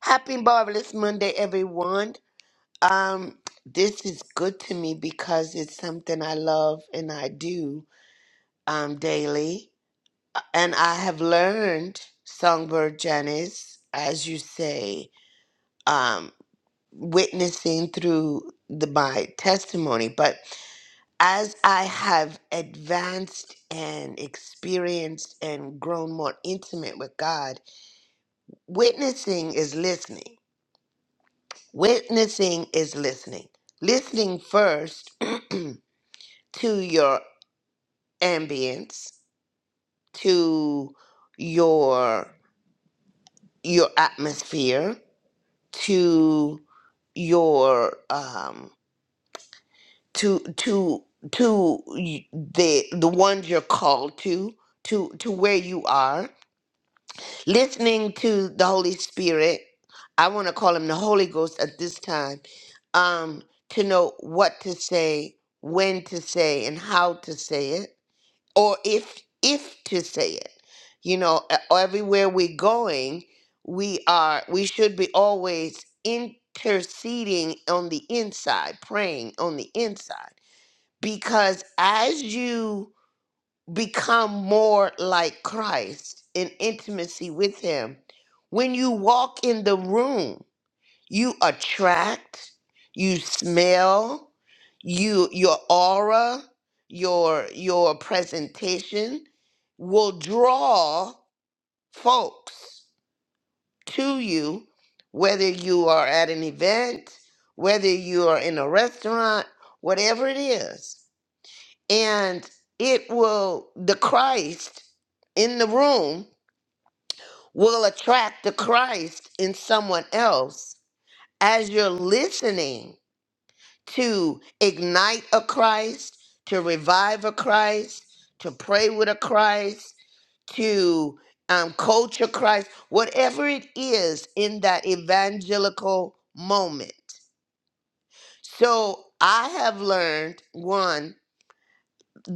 Speaker 5: happy marvelous Monday, everyone. Um, this is good to me because it's something I love and I do um daily, and I have learned Songbird Janice, as you say, um, witnessing through the my testimony. But as I have advanced and experienced and grown more intimate with God. Witnessing is listening. Witnessing is listening. Listening first to your ambience, to your your atmosphere, to your um to to to y- the the ones you're called to, to to where you are listening to the Holy Spirit. I want to call him the Holy Ghost at this time um, to know what to say, when to say, and how to say it, or if if to say it. You know, e- everywhere we're going, we are we should be always interceding on the inside, praying on the inside, because as you become more like Christ in intimacy with Him. When you walk in the room, you attract, you smell, you your aura, your your presentation will draw folks to you, whether you are at an event, whether you are in a restaurant, whatever it is and it will the Christ in the room will attract the Christ in someone else as you're listening to ignite a Christ, to revive a Christ, to pray with a Christ, to um, coach a Christ, whatever it is in that evangelical moment. So I have learned one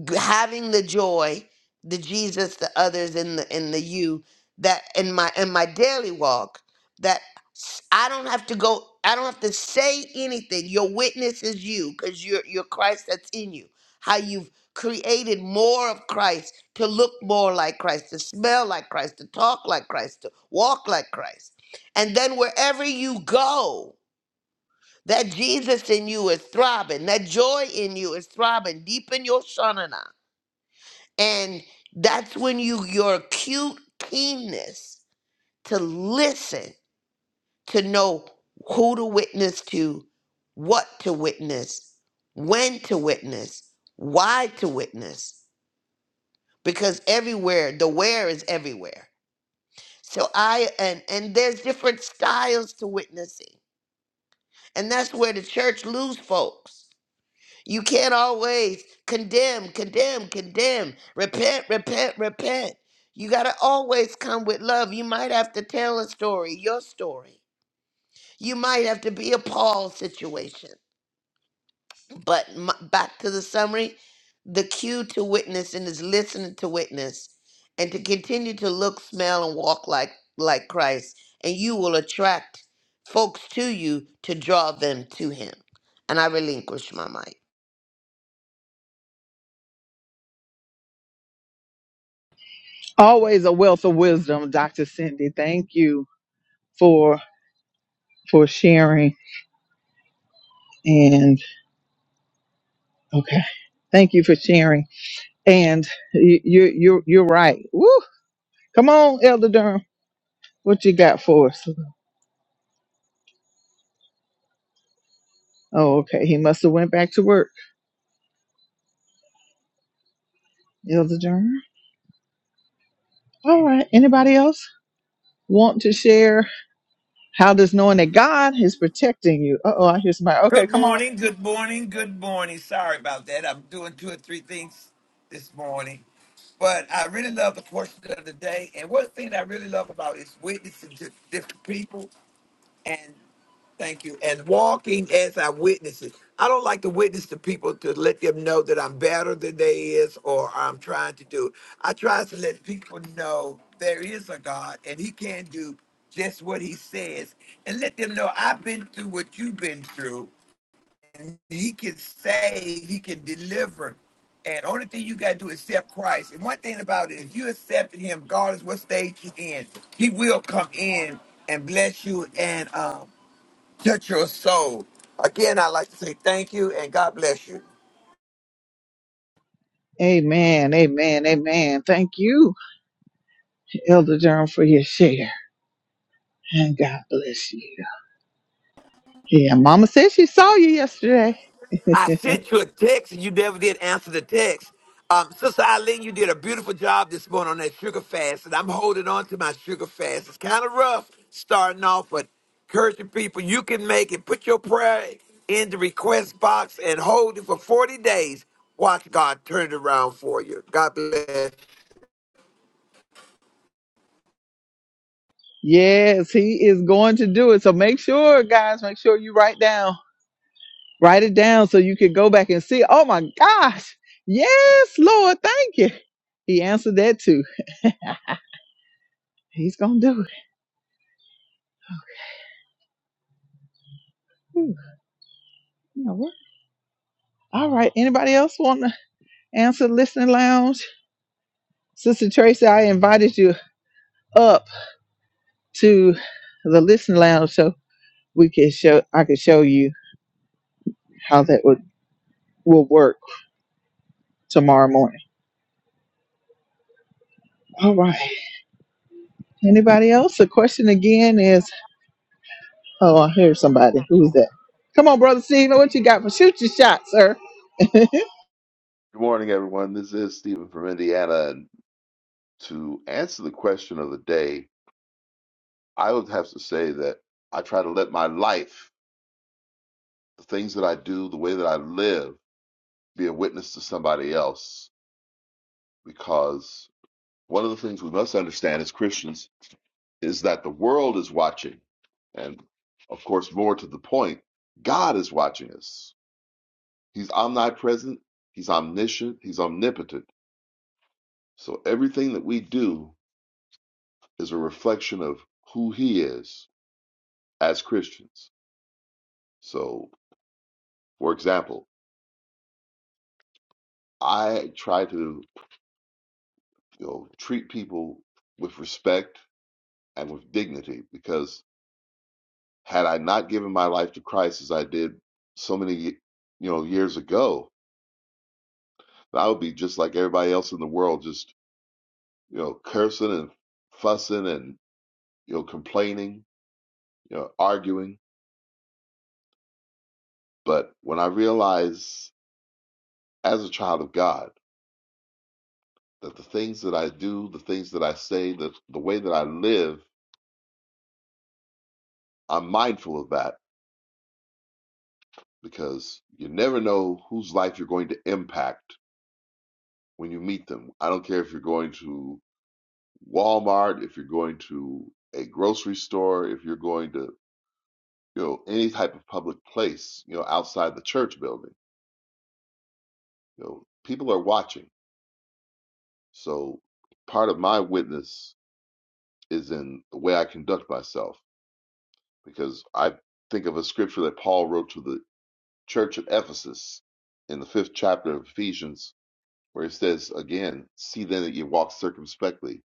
Speaker 5: g- having the joy the jesus the others and the and the you that in my in my daily walk that s- i don't have to go i don't have to say anything your witness is you because you're you're christ that's in you how you've created more of christ to look more like christ to smell like christ to talk like christ to walk like christ and then wherever you go that jesus in you is throbbing that joy in you is throbbing deep in your shana and that's when you your acute keenness to listen, to know who to witness to, what to witness, when to witness, why to witness. Because everywhere, the where is everywhere. So I and and there's different styles to witnessing. And that's where the church lose folks. You can't always condemn, condemn, condemn, repent, repent, repent. You got to always come with love. You might have to tell a story, your story. You might have to be a Paul situation. But m- back to the summary the cue to witness and is listening to witness and to continue to look, smell, and walk like, like Christ. And you will attract folks to you to draw them to him. And I relinquish my mic.
Speaker 1: Always a wealth of wisdom, Dr. Cindy. Thank you for for sharing and. Okay. Thank you for sharing. And you, you, you're, you're right. Woo! Come on, Elder Durham. What you got for us? Oh, okay. He must have went back to work, Elder Durham. All right. Anybody else want to share? How does knowing that God is protecting you? Uh oh, I hear somebody. Okay,
Speaker 6: Good
Speaker 1: come on.
Speaker 6: morning. Good morning. Good morning. Sorry about that. I'm doing two or three things this morning. But I really love the portion of the day. And one thing that I really love about is witnessing to different people and Thank you. And walking as I witness it. I don't like to witness to people to let them know that I'm better than they is or I'm trying to do. I try to let people know there is a God and he can do just what he says and let them know I've been through what you've been through and he can save, he can deliver. And only thing you got to do is accept Christ. And one thing about it, if you accepted him, regardless what stage you're in, he will come in and bless you and um Touch your soul. Again, I'd like to say thank you and God bless you.
Speaker 1: Amen. Amen. Amen. Thank you, Elder Durham, for your share. And God bless you. Yeah, Mama said she saw you yesterday.
Speaker 6: I sent you a text and you never did answer the text. Um, Sister Eileen, you did a beautiful job this morning on that sugar fast, and I'm holding on to my sugar fast. It's kind of rough starting off, but encouraging people, you can make it. Put your prayer in the request box and hold it for 40 days. Watch God turn it around for you. God bless.
Speaker 1: Yes, he is going to do it. So make sure, guys, make sure you write down, write it down so you can go back and see. Oh my gosh. Yes, Lord, thank you. He answered that too. He's gonna do it. Whew, you know what? All right. Anybody else want to answer listening lounge? Sister Tracy, I invited you up to the listening lounge so we can show I could show you how that would will work tomorrow morning. All right. Anybody else? The question again is Oh, I hear somebody. Who's that? Come on, brother Stephen. What you got for shoot your shot, sir?
Speaker 7: Good morning, everyone. This is Stephen from Indiana. And to answer the question of the day, I would have to say that I try to let my life, the things that I do, the way that I live, be a witness to somebody else. Because one of the things we must understand as Christians is that the world is watching. And of course, more to the point, God is watching us. He's omnipresent, He's omniscient, He's omnipotent. So everything that we do is a reflection of who He is as Christians. So, for example, I try to you know treat people with respect and with dignity because had I not given my life to Christ as I did so many you know years ago, I would be just like everybody else in the world, just you know cursing and fussing and you know complaining, you know arguing. But when I realized as a child of God that the things that I do, the things that I say, the the way that I live I'm mindful of that because you never know whose life you're going to impact when you meet them. I don't care if you're going to Walmart, if you're going to a grocery store, if you're going to, you know, any type of public place, you know, outside the church building. You know, people are watching. So part of my witness is in the way I conduct myself because I think of a scripture that Paul wrote to the church at Ephesus in the 5th chapter of Ephesians where it says again, see then that ye walk circumspectly,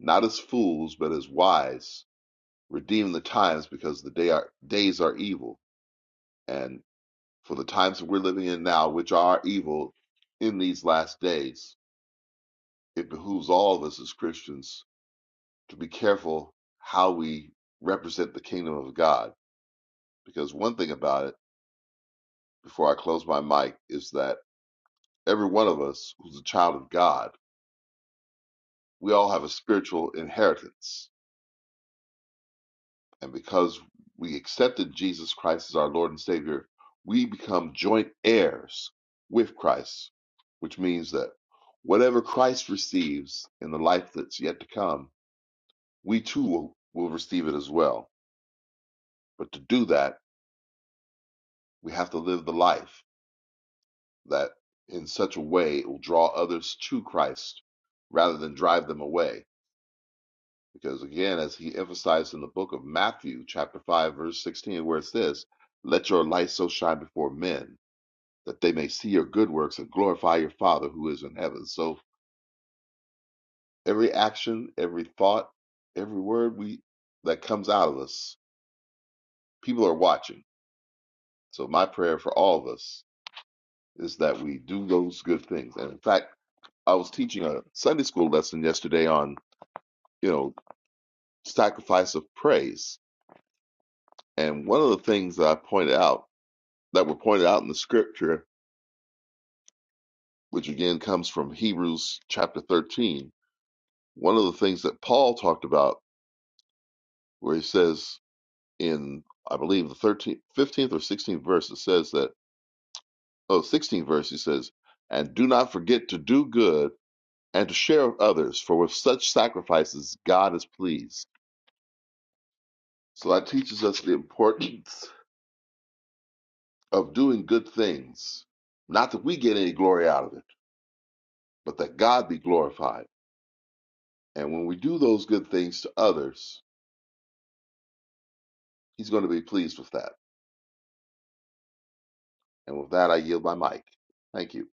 Speaker 7: not as fools, but as wise, redeem the times because the day are, days are evil. And for the times that we're living in now, which are evil in these last days, it behooves all of us as Christians to be careful how we represent the kingdom of God. Because one thing about it, before I close my mic, is that every one of us who's a child of God, we all have a spiritual inheritance And because we accepted Jesus Christ as our Lord and Savior, we become joint heirs with Christ, which means that whatever Christ receives in the life that's yet to come, we too will, will receive it as well. But to do that, we have to live the life that in such a way it will draw others to Christ rather than drive them away. Because again, as he emphasized in the book of Matthew, chapter 5, verse 16, where it says, Let your light so shine before men that they may see your good works and glorify your Father who is in heaven. So every action, every thought, every word we that comes out of us, people are watching. So my prayer for all of us is that we do those good things. And in fact, I was teaching a Sunday school lesson yesterday on, you know, sacrifice of praise. And one of the things that I pointed out that were pointed out in the scripture, which again comes from Hebrews chapter thirteen, one of the things that Paul talked about where he says in I believe the 13th, 15th or 16th verse, it says that, oh, 16th verse, he says, and do not forget to do good and to share with others, for with such sacrifices God is pleased. So that teaches us the importance of doing good things. Not that we get any glory out of it, but that God be glorified. And when we do those good things to others, he's going to be pleased with that. And with that, I yield my mic. Thank you.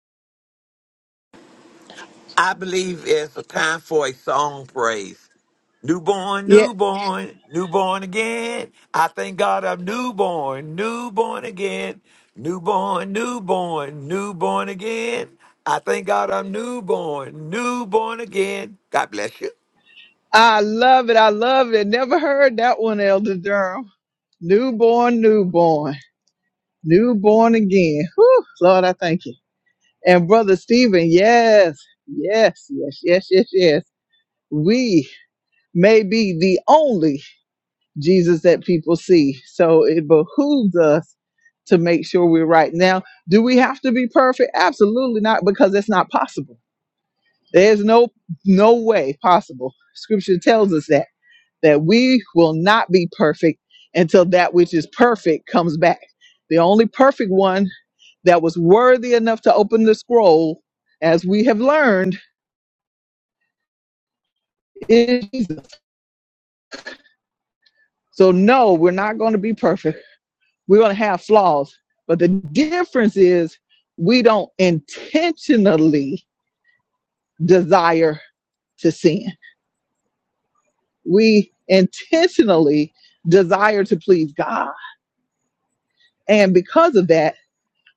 Speaker 6: I believe it's a time for a song praise. Newborn,
Speaker 1: Yeah,
Speaker 6: newborn, newborn again. I thank God I'm newborn, newborn again. Newborn, newborn, newborn again. I thank God I'm newborn, newborn again. God bless you.
Speaker 1: I love it. I love it. Never heard that one, Elder Durham. Newborn, newborn, newborn again. Whew, Lord, I thank you. And brother Stephen, yes, yes, yes, yes, yes, yes. We may be the only Jesus that people see, so it behooves us to make sure we're right. Now, do we have to be perfect? Absolutely not, because it's not possible There's no no way possible. Scripture tells us that that we will not be perfect until that which is perfect comes back. The only perfect one that was worthy enough to open the scroll, as we have learned, is Jesus. So no, we're not going to be perfect. We're going to have flaws. But the difference is we don't intentionally desire to sin. We intentionally desire to please God And because of that,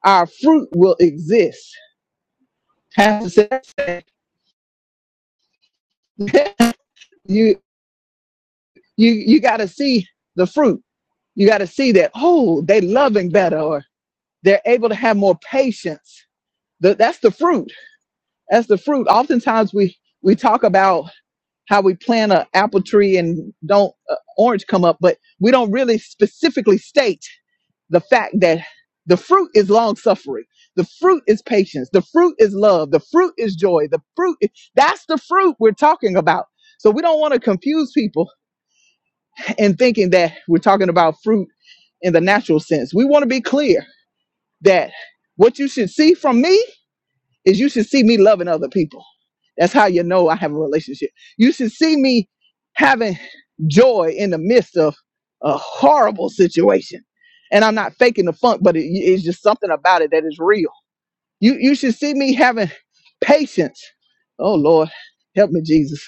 Speaker 1: our fruit will exist. Pastor said, you you you got to see the fruit. You got to see that oh, they loving better, or they're able to have more patience. Th- that's the fruit. That's the fruit. Oftentimes we we talk about how we plant an apple tree and don't uh, orange come up, but we don't really specifically state. the fact that the fruit is long suffering the fruit is patience the fruit is love the fruit is joy the fruit that's the fruit we're talking about so we don't want to confuse people in thinking that we're talking about fruit in the natural sense we want to be clear that what you should see from me is you should see me loving other people. That's how you know I have a relationship. You should see me having joy in the midst of a horrible situation. And I'm not faking the funk, but it, it's just something about it that is real. You you should see me having patience. Oh Lord, help me, Jesus.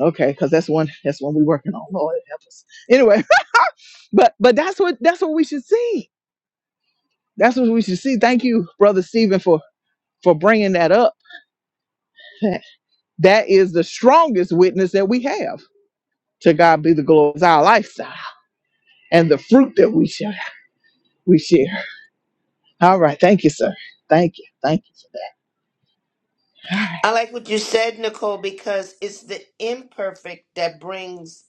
Speaker 1: Okay, because that's one that's one we're working on. Lord help us. Anyway, but but that's what that's what we should see. That's what we should see. Thank you, brother Stephen, for for bringing that up. That is the strongest witness that we have. To God be the glory. It's our lifestyle and the fruit that we share. We share. All right. Thank you, sir. Thank you. Thank you. All right.
Speaker 5: I like what you said, Nicole, because it's the imperfect that brings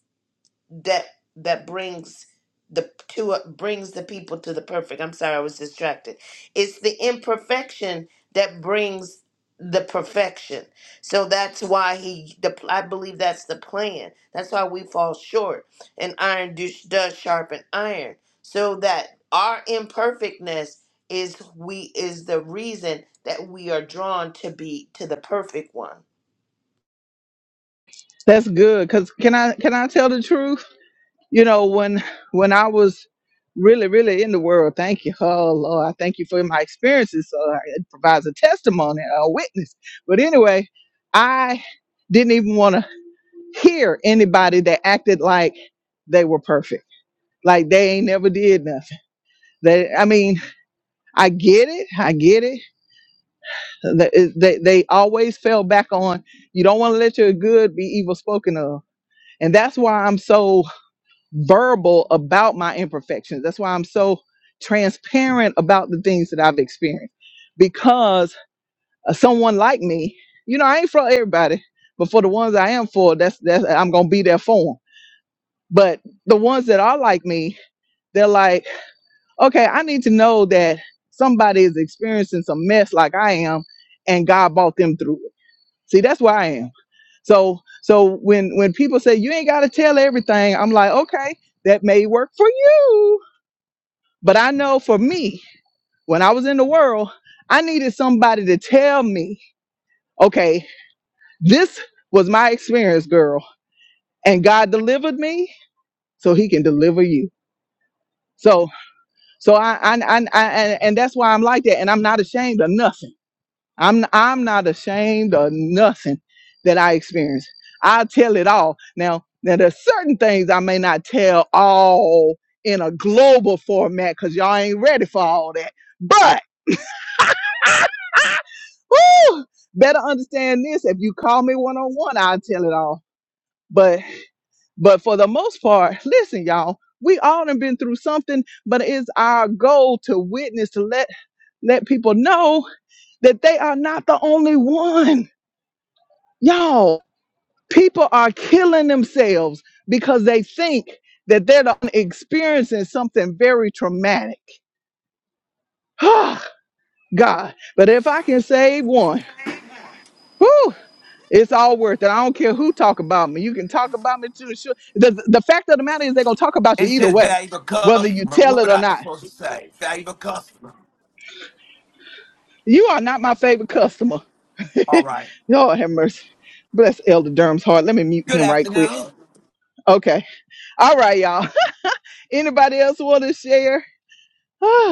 Speaker 5: that that brings the to brings the people to the perfect. I'm sorry, I was distracted. It's the imperfection that brings the perfection. So that's why he the I believe that's the plan. That's why we fall short. And iron do, does sharpen iron. So that our imperfectness is we is the reason that we are drawn to be to the perfect one.
Speaker 1: That's good. Cause can I can I tell the truth? You know, when when I was really, really in the world, thank you. Oh Lord, I thank you for my experiences. So it provides a testimony, a witness. But anyway, I didn't even want to hear anybody that acted like they were perfect. Like they ain't never did nothing They, I mean, I get it. I get it. They, they, they always fell back on you don't want to let your good be evil spoken of. And that's why I'm so verbal about my imperfections. That's why I'm so transparent about the things that I've experienced. Because uh, someone like me, you know, I ain't for everybody, but for the ones I am for, that's that's I'm gonna be there for them. But the ones that are like me, they're like. okay, I need to know that somebody is experiencing some mess like I am, and God brought them through it. See, that's where I am. So, so when when people say you ain't got to tell everything, I'm like, okay, that may work for you, but I know for me, when I was in the world, I needed somebody to tell me, okay, this was my experience, girl, and God delivered me, so He can deliver you. So, so I, I, I, I and and that's why I'm like that, and I'm not ashamed of nothing I'm I'm not ashamed of nothing that I experienced. I tell it all. Now, now there's certain things I may not tell all in a global format because y'all ain't ready for all that. But woo, better understand this. If you call me one on one, I'll tell it all. But but for the most part, listen, y'all, we all have been through something, but it's our goal to witness, to let let people know that they are not the only one. Y'all. People are killing themselves because they think that they're experiencing something very traumatic. God, but if I can save one, whew, it's all worth it. I don't care who talk about me. You can talk about me too. Sure. The, the fact of the matter is they're gonna talk about you
Speaker 6: It
Speaker 1: either
Speaker 6: says
Speaker 1: way,
Speaker 6: valuable
Speaker 1: whether you
Speaker 6: customer.
Speaker 1: tell
Speaker 6: What
Speaker 1: it or
Speaker 6: am I
Speaker 1: not.
Speaker 6: supposed to say? Valuable customer.
Speaker 1: You are not my favorite customer.
Speaker 6: All right.
Speaker 1: Lord have mercy. Bless Elder Durham's heart. Let me mute
Speaker 6: Good
Speaker 1: him right quick.
Speaker 6: afternoon.
Speaker 1: Okay. All right, y'all. Anybody else want to share?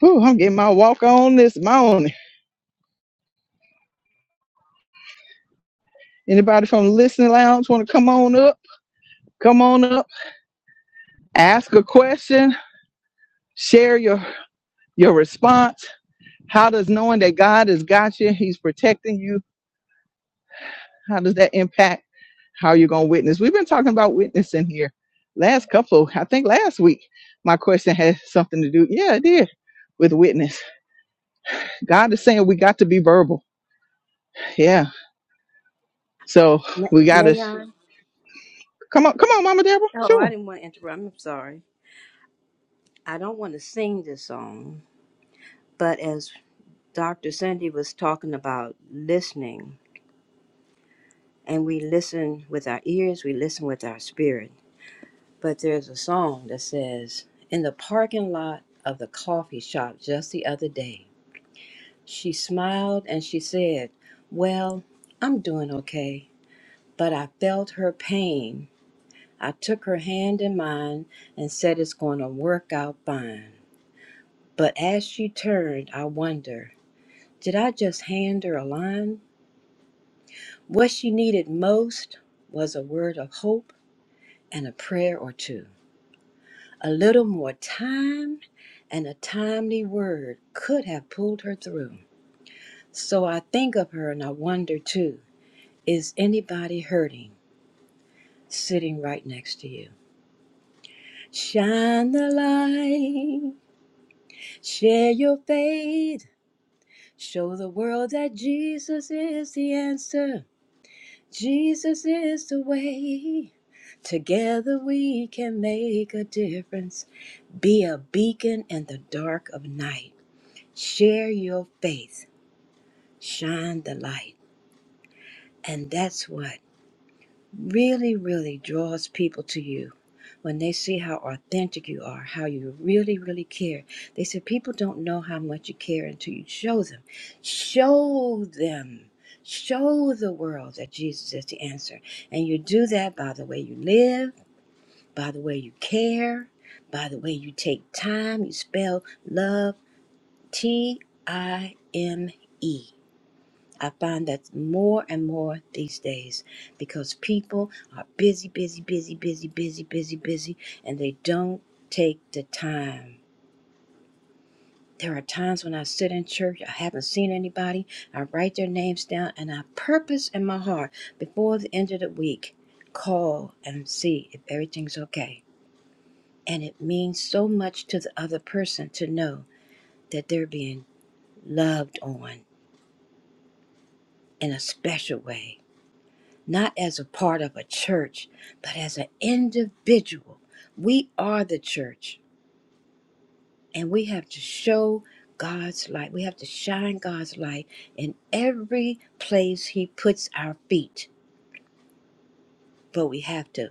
Speaker 1: Whew, I'm getting my walk on this morning. Anybody from the listening lounge want to come on up? Come on up. Ask a question. Share your your response. How does knowing that God has got you, He's protecting you, how does that impact how you're gonna witness? We've been talking about witnessing here last couple. I think last week my question had something to do. Yeah, it did with witness. God is saying we got to be verbal. Yeah. So
Speaker 3: Na-
Speaker 1: we got to
Speaker 3: Nayon?
Speaker 1: come on, come on, Mama Deborah.
Speaker 3: Oh, I
Speaker 1: Sure.
Speaker 3: didn't want to interrupt. I'm sorry. I don't want to sing this song, but as Dr. Cindy was talking about listening, and we listen with our ears, we listen with our spirit. But there's a song that says, In the parking lot of the coffee shop just the other day, she smiled and she said, 'Well, I'm doing okay. But I felt her pain. I took her hand in mine and said, It's going to work out fine. But as she turned, I wonder, did I just hand her a line? What she needed most was a word of hope and a prayer or two. A little more time and a timely word could have pulled her through. So I think of her and I wonder too is anybody hurting sitting right next to you? Shine the light, share your faith, show the world that Jesus is the answer, Jesus is the way. Together we can make a difference. Be a beacon in the dark of night. Share your faith, shine the light. And that's what really, really draws people to you when they see how authentic you are, how you really, really care. They say people don't know how much you care until you show them. Show them. Show the world that Jesus is the answer. And you do that by the way you live, by the way you care, by the way you take time. You spell love T I M E. I find that more and more these days because people are busy, busy, busy, busy, busy, busy, busy, and they don't take the time. There are times when I sit in church, I haven't seen anybody, I write their names down, and I purpose in my heart before the end of the week, call and see if everything's okay. And it means so much to the other person to know that they're being loved on in a special way not as a part of a church, but as an individual. We are the church, and we have to show God's light. We have to shine God's light in every place He puts our feet. But we have to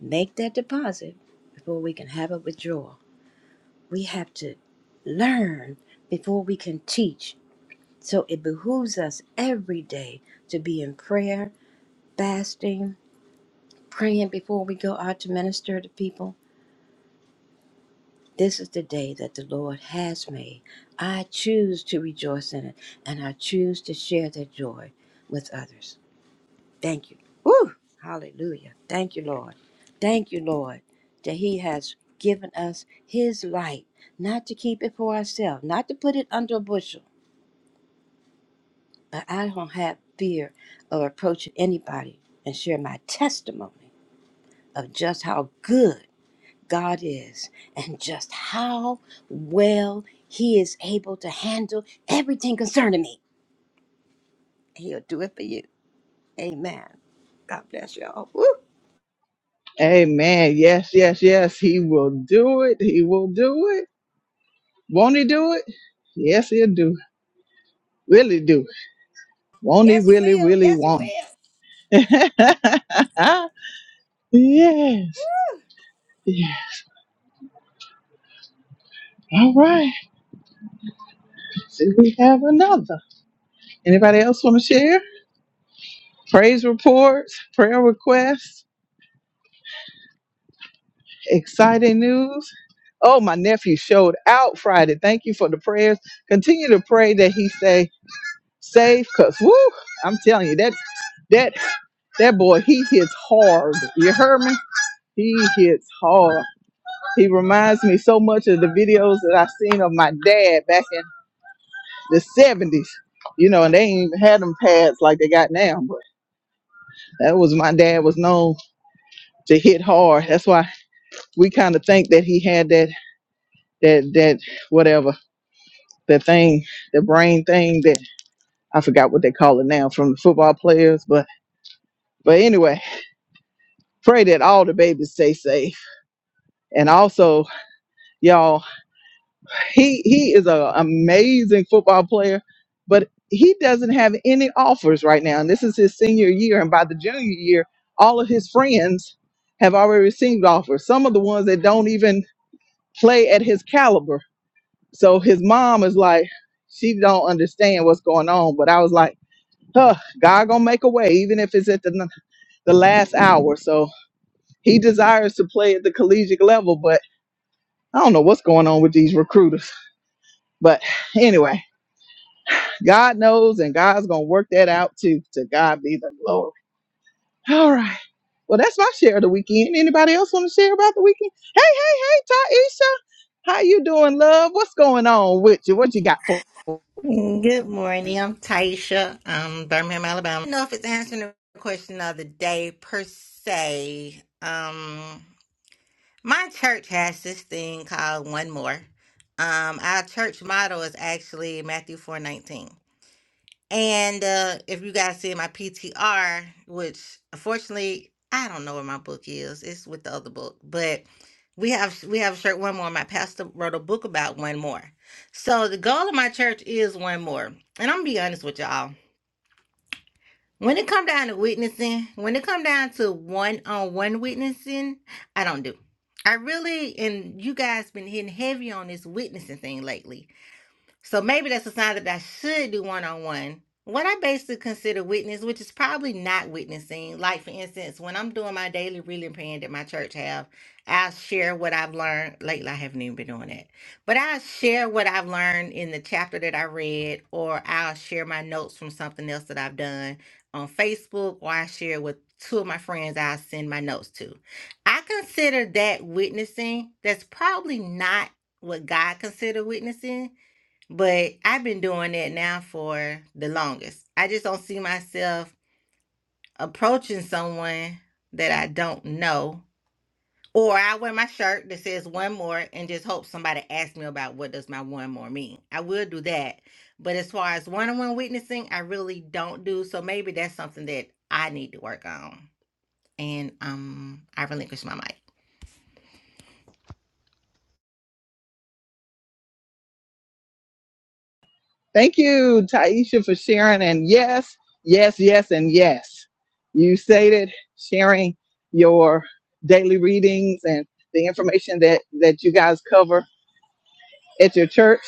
Speaker 3: make that deposit before we can have a withdrawal. We have to learn before we can teach. So it behooves us every day to be in prayer, fasting, praying before we go out to minister to people This is the day that the Lord has made. I choose to rejoice in it, and I choose to share that joy with others. Thank you. Woo! Hallelujah. Thank you, Lord. Thank you, Lord, that He has given us His light, not to keep it for ourselves, not to put it under a bushel. But I don't have fear of approaching anybody and share my testimony of just how good. God is and just how well He is able to handle everything concerning me. He'll do it for you. Amen. God bless y'all. Woo.
Speaker 1: Amen. Yes, yes, yes. He will do it. He will do it. Won't he do it? Yes, he'll do. it. Will he do. it. Won't he?
Speaker 3: Yes, He
Speaker 1: Really,
Speaker 3: will.
Speaker 1: really
Speaker 3: Yes, He
Speaker 1: won't
Speaker 3: will.
Speaker 1: he? yes. Yeah. All right. So we have another. Anybody else want to share? Praise reports, prayer requests. Exciting news. Oh, my nephew showed out Friday. Thank you for the prayers. Continue to pray that he stay safe, cause woo, I'm telling you that that that boy he hits hard. You heard me? He hits hard. He reminds me so much of the videos that I seen of my dad back in the seventies. You know, and they ain't even had them pads like they got now. But that was my dad was known to hit hard. That's why we kind of think that he had that that that whatever that thing, the brain thing that I forgot what they call it now from the football players. But but anyway, pray that all the babies stay safe. And also, y'all, he he is an amazing football player, but he doesn't have any offers right now. And this is his senior year, and by the junior year, all of his friends have already received offers. Some of the ones that don't even play at his caliber. So his mom is like, she don't understand what's going on. But I was like Huh, God gonna make a way, even if it's at the the last hour. So he desires to play at the collegiate level, but I don't know what's going on with these recruiters. But anyway, God knows, and God's gonna work that out too. To God be the glory. All right. Well, that's my share of the weekend. Anybody else want to share about the weekend? Hey, hey, hey, Taisha, how you doing, love? What's going on with you? What you got for?
Speaker 8: Good morning. I'm Taisha. I'm Birmingham, Alabama. I don't know if it's answering the question of the day per se. Um, my church has this thing called One More. Um, our church motto is actually Matthew four nineteen. And uh, if you guys see my PTR, which unfortunately I don't know where my book is, it's with the other book, but we have we have a shirt one more. My pastor wrote a book about one more. So the goal of my church is one more. And I'm gonna be honest with y'all. When it come down to witnessing, when it come down to one on one witnessing, I don't do. I really and you guys been hitting heavy on this witnessing thing lately so maybe that's a sign that I should do one on one. What I basically consider witness, which is probably not witnessing, like for instance, when I'm doing my daily reading plan that my church have, I will share what I've learned. Lately, I haven't even been doing that, but I share what I've learned in the chapter that I read, or I'll share my notes from something else that I've done on Facebook, or I share with two of my friends I send my notes to. I consider that witnessing. That's probably not what God considered witnessing but I've been doing that now for the longest. I just don't see myself approaching someone that I don't know. Or I wear my shirt that says one more and just hope somebody asks me about what does my one more mean. I will do that. But as far as one-on-one witnessing, I really don't do. So maybe that's something that I need to work on. And um I relinquish my mic.
Speaker 1: Thank you, Taisha, for sharing. And yes, yes, yes, and yes. You stated sharing your daily readings and the information that, that you guys cover at your church.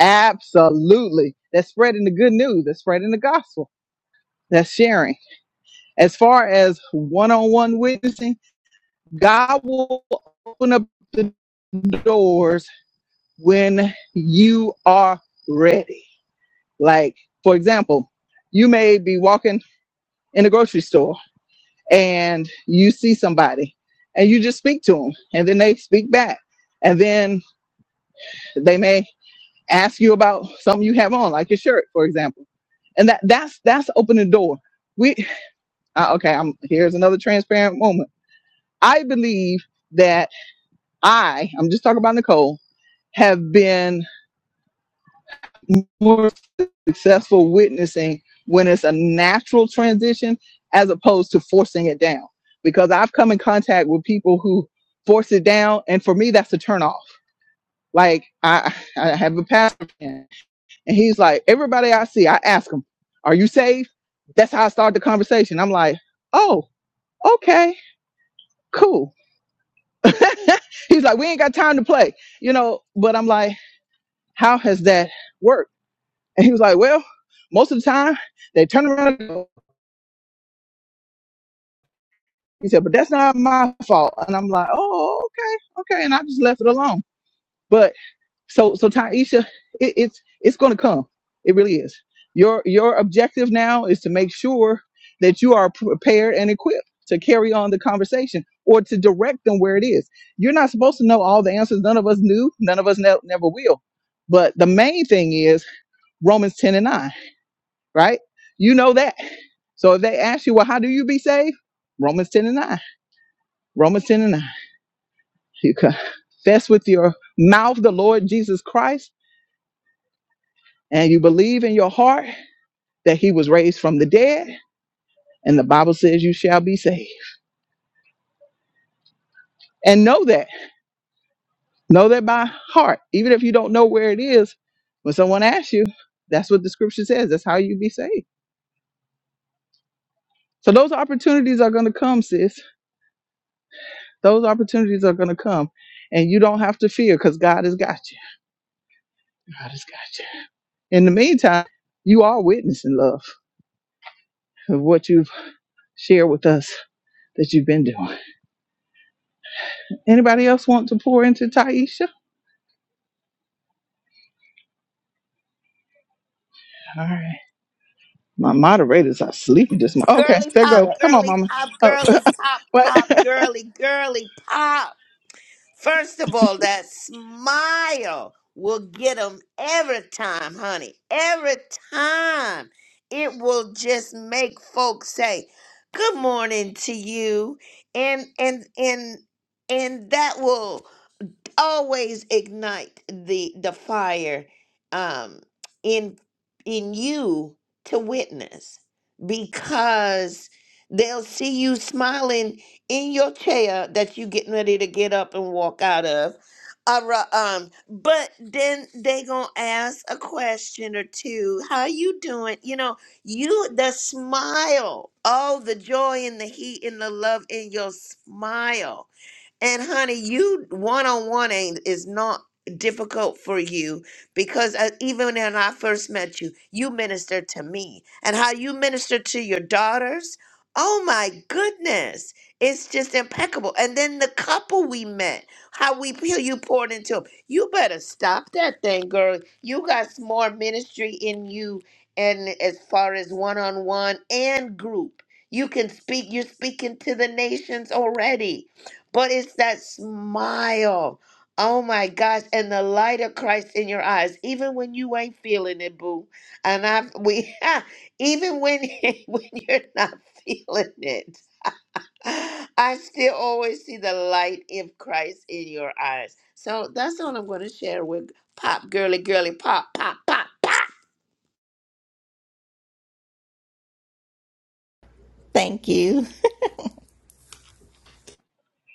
Speaker 1: Absolutely. That's spreading the good news, that's spreading the gospel, that's sharing. As far as one on one witnessing, God will open up the doors when you are ready. Like, for example, you may be walking. in the grocery store and you see somebody and you just speak to them and then they speak back and then they may ask you about something you have on like your shirt for example and that that's that's opening the door we uh, okay i'm here's another transparent moment i believe that i i'm just talking about nicole have been more. successful witnessing when it's a natural transition as opposed to forcing it down. Because I've come in contact with people who force it down, and for me, that's a turnoff. Like I, I have a pastor friend, and he's like, everybody I see, I ask him, "Are you saved?" That's how I start the conversation. I'm like, "Oh, okay, cool." he's like, "We ain't got time to play," you know. But I'm like, "How has that worked?" And he was like, "Well, most of the time, they turn around. and go, He said, but that's not my fault. And I'm like, oh, okay, okay. And I just left it alone. But so, so Taisha, it, it's, it's going to come. It really is. Your, your objective now is to make sure that you are prepared and equipped to carry on the conversation or to direct them where it is. You're not supposed to know all the answers. None of us knew. None of us ne- never will. But the main thing is Romans 10 and 9, right? You know that. So if they ask you, well, how do you be saved? Romans 10 and 9. Romans 10 and 9. You confess with your mouth the Lord Jesus Christ, and you believe in your heart that he was raised from the dead, and the Bible says you shall be saved. And know that. Know that by heart. Even if you don't know where it is, when someone asks you, that's what the scripture says. That's how you be saved. So those opportunities are going to come, sis. Those opportunities are going to come. And you don't have to fear because God has got you. God has got you. In the meantime, you are witnessing love of what you've shared with us that you've been doing. Anybody else want to pour into Taisha? All right. My moderators are sleepy this morning. Okay,
Speaker 5: Girly
Speaker 1: there
Speaker 3: No,
Speaker 5: pop,
Speaker 1: go.
Speaker 3: that-
Speaker 1: Come on,
Speaker 5: girly
Speaker 1: mama.
Speaker 5: pop,
Speaker 1: Oh,
Speaker 5: girly pop, pop,
Speaker 1: what?
Speaker 5: girly, girly pop. First of all, that smile will get them every time, honey. Every time. It will just make folks say, good morning to you. And, and, and, and that will always ignite the the fire um in in you to witness because they'll see you smiling in your chair that you getting ready to get up and walk out of All right, um but then they gonna ask a question or two how you doing you know you the smile all the joy and the heat and the love in your smile and honey, you one on one ain't is not difficult for you because uh, even when I first met you, you ministered to me and how you ministered to your daughters. Oh my goodness, it's just impeccable. And then the couple we met, how we feel you poured into them. You better stop that thing, girl. You got some more ministry in you, and as far as one on one and group, you can speak. You're speaking to the nations already but it's that smile. Oh my gosh. And the light of Christ in your eyes. Even when you ain't feeling it, boo. And I we even when when you're not feeling it. I still always see the light of Christ in your eyes. So that's all I'm gonna share with Pop Girly Girly Pop Pop Pop Pop.
Speaker 8: Thank you.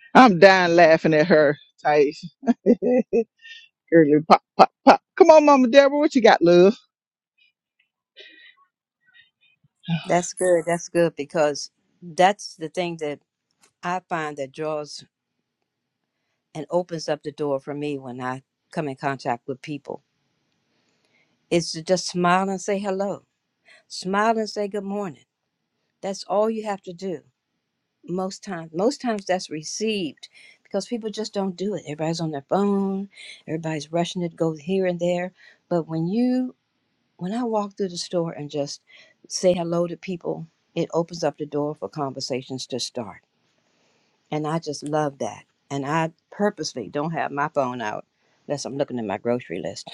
Speaker 1: I'm dying laughing at her, Taisha. Early pop, pop, pop. Come on, Mama Deborah. What you got, love?
Speaker 3: That's good. That's good because that's the thing that I find that draws and opens up the door for me when I come in contact with people is to just smile and say hello, smile and say good morning. That's all you have to do. most times most times that's received because people just don't do it everybody's on their phone everybody's rushing to go here and there but when you when i walk through the store and just say hello to people it opens up the door for conversations to start and i just love that and i purposely don't have my phone out unless i'm looking at my grocery list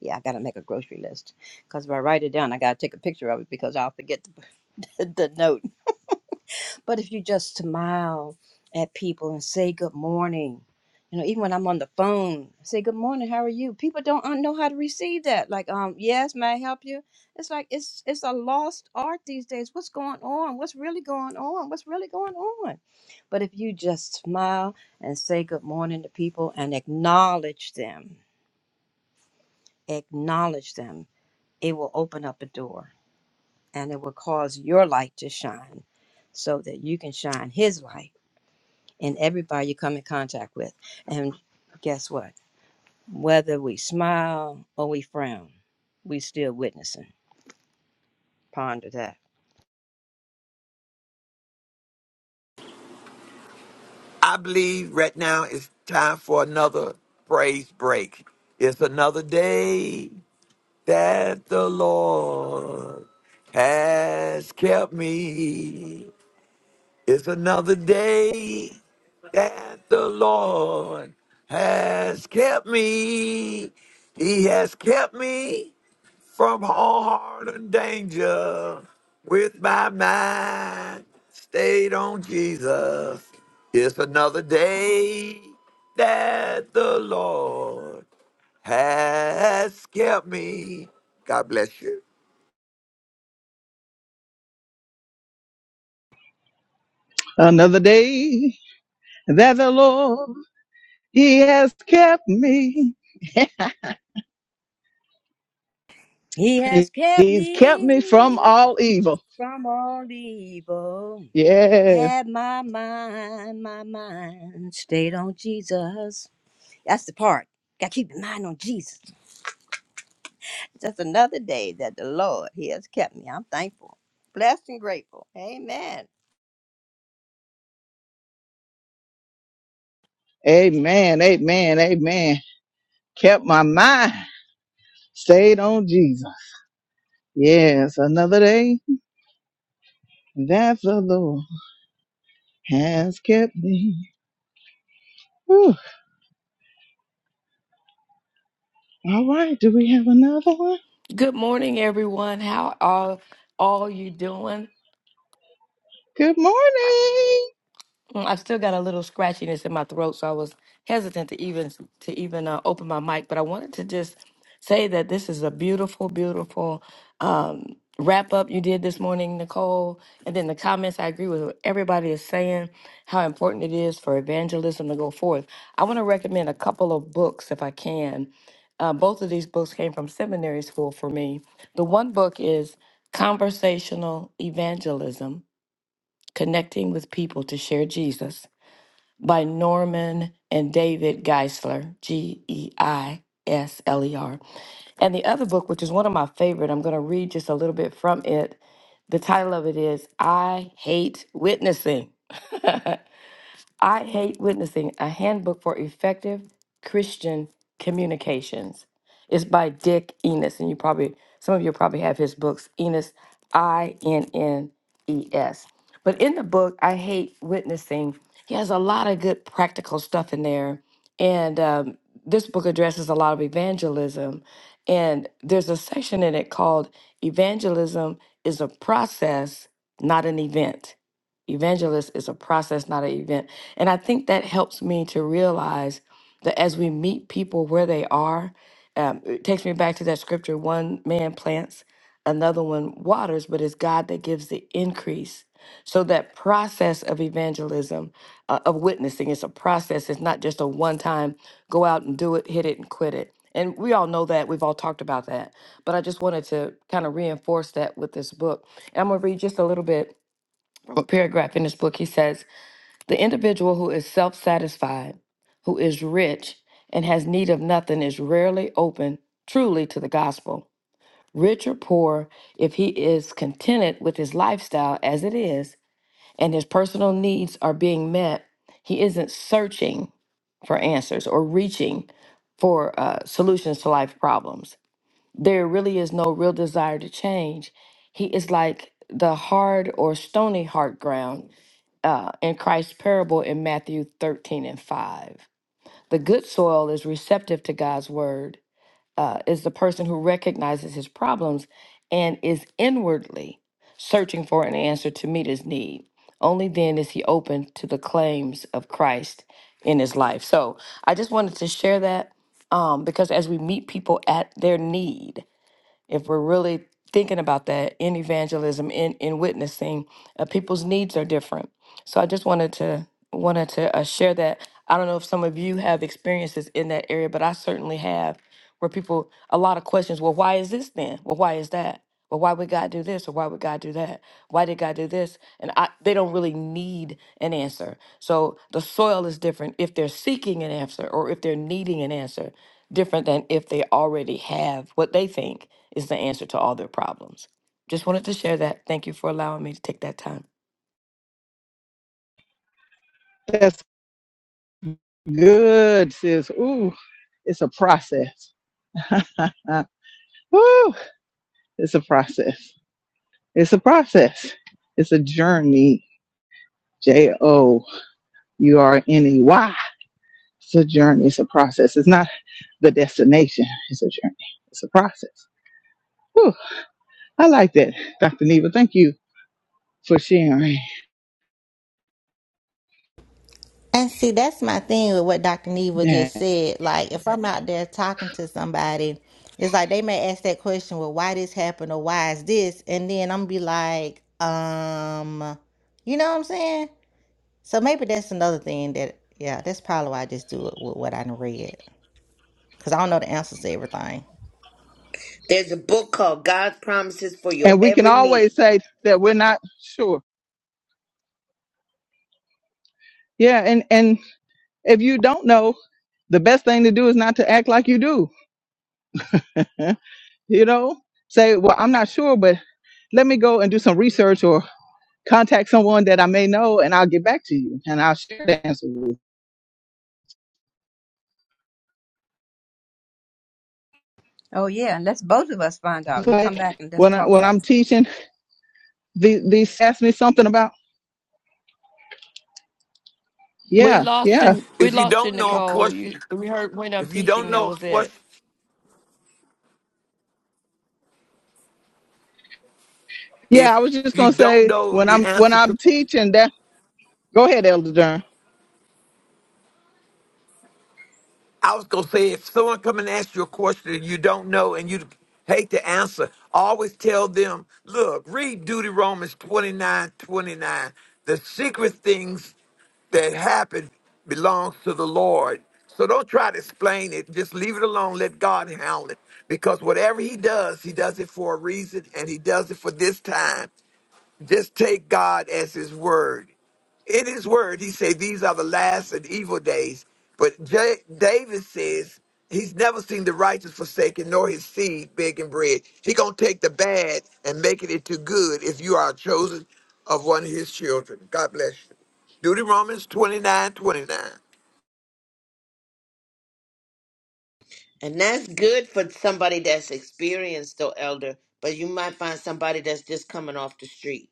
Speaker 3: yeah i gotta make a grocery list because if i write it down i gotta take a picture of it because i'll forget the, the note but if you just smile at people and say good morning, you know, even when I'm on the phone, say good morning, how are you? People don't un- know how to receive that. Like, um, yes, may I help you? It's like it's it's a lost art these days. What's going on? What's really going on? What's really going on? But if you just smile and say good morning to people and acknowledge them, acknowledge them, it will open up a door and it will cause your light to shine so that you can shine his light and everybody you come in contact with. And guess what? Whether we smile or we frown, we still witnessing. Ponder that.
Speaker 6: I believe right now it's time for another praise break. It's another day. that the Lord has kept me. It's another day that the Lord has kept me. He has kept me from all harm and danger with my mind stayed on Jesus. It's another day that the Lord has kept me. God bless you.
Speaker 1: Another day that the Lord, He has kept me.
Speaker 3: He has kept
Speaker 1: He's kept me from
Speaker 3: me
Speaker 1: all evil.
Speaker 3: from all evil.
Speaker 1: Yeah.
Speaker 3: Had my mind, my mind stayed on Jesus. That's the part. Got to keep your mind on Jesus. Just another day that the Lord He has kept me. I'm thankful, blessed, and grateful. Amen.
Speaker 1: Amen. Amen. Amen. Kept my mind stayed on Jesus. Yes. Another day that the Lord has kept me. Whew. All right, do we have another one?
Speaker 9: Good morning, everyone. How are all you doing?
Speaker 1: Good morning.
Speaker 9: Mm, I still got a little scratchiness in my throat, so I was hesitant to even to even uh, open my mic. But I wanted to just say that this is a beautiful, beautiful um, wrap up you did this morning, Nicole. And then the comments, I agree with what everybody is saying how important it is for evangelism to go forth. I want to recommend a couple of books if I can. Uh, both of these books came from seminary school for me. The one book is Conversational Evangelism Connecting with People to Share Jesus by Norman and David Geisler, G E I S L E R. And the other book, which is one of my favorite, I'm going to read just a little bit from it. The title of it is I Hate Witnessing. I Hate Witnessing A Handbook for Effective Christian Communications. It's by Dick Enos, and you probably, some of you probably have his books, Enos, I N N E S. But in the book, I Hate Witnessing, he has a lot of good practical stuff in there. And um, this book addresses a lot of evangelism. And there's a section in it called Evangelism is a Process, Not an Event Evangelist is a process, not an event. And I think that helps me to realize that as we meet people where they are, um, it takes me back to that scripture one man plants, another one waters, but it's God that gives the increase. So that process of evangelism, uh, of witnessing, it's a process. It's not just a one time go out and do it, hit it, and quit it. And we all know that. We've all talked about that. But I just wanted to kind of reinforce that with this book. And I'm going to read just a little bit a paragraph in this book. He says, The individual who is self satisfied, who is rich, and has need of nothing is rarely open truly to the gospel. Rich or poor, if he is contented with his lifestyle as it is and his personal needs are being met, he isn't searching for answers or reaching for uh, solutions to life problems there really is no real desire to change. He is like the hard or stony heart ground uh, in Christ's parable in Matthew 13 and 5. The good soil is receptive to God's word, uh, is the person who recognizes his problems and is inwardly searching for an answer to meet his need. Only then is he open to the claims of Christ in his life. So I just wanted to share that um, because as we meet people at their need, if we're really thinking about that in evangelism in in witnessing uh, people's needs are different so i just wanted to wanted to uh, share that i don't know if some of you have experiences in that area but i certainly have where people a lot of questions well why is this then well why is that well why would god do this or why would god do that why did god do this and I, they don't really need an answer so the soil is different if they're seeking an answer or if they're needing an answer different than if they already have what they think is the answer to all their problems. Just wanted to share that. Thank you for allowing me to take that time.
Speaker 1: That's good, sis. Ooh, it's a process. Woo, it's a process. It's a process. It's a journey. J O U R N E Y. It's a journey. It's a process. It's not the destination. It's a journey. It's a process. Whew, I like that, Dr. Neva. Thank you for sharing
Speaker 8: And see, that's my thing with what Dr. Neva
Speaker 1: that.
Speaker 8: just said. Like, if I'm out there talking to somebody, it's like they may ask that question, well, why this happened or why is this? And then I'm be like, um, you know what I'm saying? So maybe that's another thing that, yeah, that's probably why I just do it with what I done read. Because I don't know the answers to everything.
Speaker 5: There's a book called God's Promises for Your
Speaker 1: and we can
Speaker 5: Every
Speaker 1: always
Speaker 5: Need.
Speaker 1: say that we're not sure yeah and and if you don't know the best thing to do is not to act like you do you know say well i'm not sure but let me go and do some research or contact someone that i may know and i'll get back to you and i'll share the answer with you
Speaker 3: Oh yeah, and let's both of us find out.
Speaker 1: It's
Speaker 3: And you come back
Speaker 1: like
Speaker 3: and let's
Speaker 1: when, I,
Speaker 3: talk
Speaker 1: when
Speaker 3: about. it.
Speaker 1: i'm teaching they they ask me something about
Speaker 9: We
Speaker 1: yeah
Speaker 9: lost
Speaker 1: yeah
Speaker 9: you. We
Speaker 6: If you
Speaker 9: lost you,
Speaker 6: don't know a
Speaker 9: Nicole.
Speaker 6: question,
Speaker 9: You. We heard when I'm
Speaker 6: if you don't
Speaker 9: teaching. That
Speaker 6: know a
Speaker 9: was it,
Speaker 6: question,
Speaker 1: yeah
Speaker 6: if
Speaker 1: i was just
Speaker 6: you
Speaker 1: going to
Speaker 6: don't
Speaker 1: say
Speaker 6: know
Speaker 1: when
Speaker 6: the
Speaker 1: i'm when
Speaker 6: answer to,
Speaker 1: i'm teaching that go ahead elder Durham.
Speaker 6: I was gonna say, if someone come and ask you a question and you don't know and you hate the answer, always tell them, look, read Duty Romans 29, The secret things that happen belongs to the Lord. So don't try to explain it. Just leave it alone. Let God handle it. Because whatever he does, he does it for a reason and he does it for this time. Just take God as his word. In his word, he said, These are the last and evil days. But J- David says he's never seen the righteous forsaken nor his seed begging bread. He going to take the bad and make it into good if you are chosen of one of his children. God bless you. Deuteronomy 29 29.
Speaker 5: And that's good for somebody that's experienced, though, elder. But you might find somebody that's just coming off the street.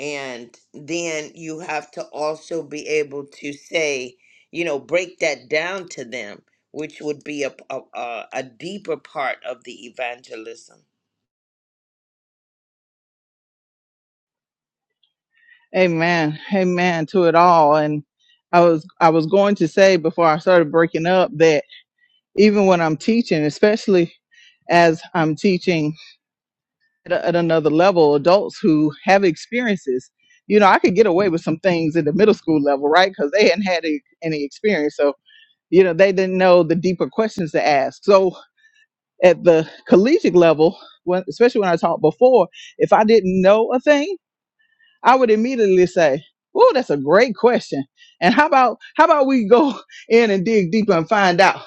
Speaker 5: And then you have to also be able to say, you know, break that down to them, which would be a, a, a a deeper part of the evangelism.
Speaker 1: Amen. Amen to it all. And I was I was going to say before I started breaking up that even when I'm teaching, especially as I'm teaching at, a- at another level, adults who have experiences, you know, I could get away with some things at the middle school level, right? Because they hadn't had any any experience, so you know they didn't know the deeper questions to ask. So at the collegiate level, when, especially when I taught before, if I didn't know a thing. I would immediately say, "Oh, that's a great question." And how about how about we go in and dig deeper and find out?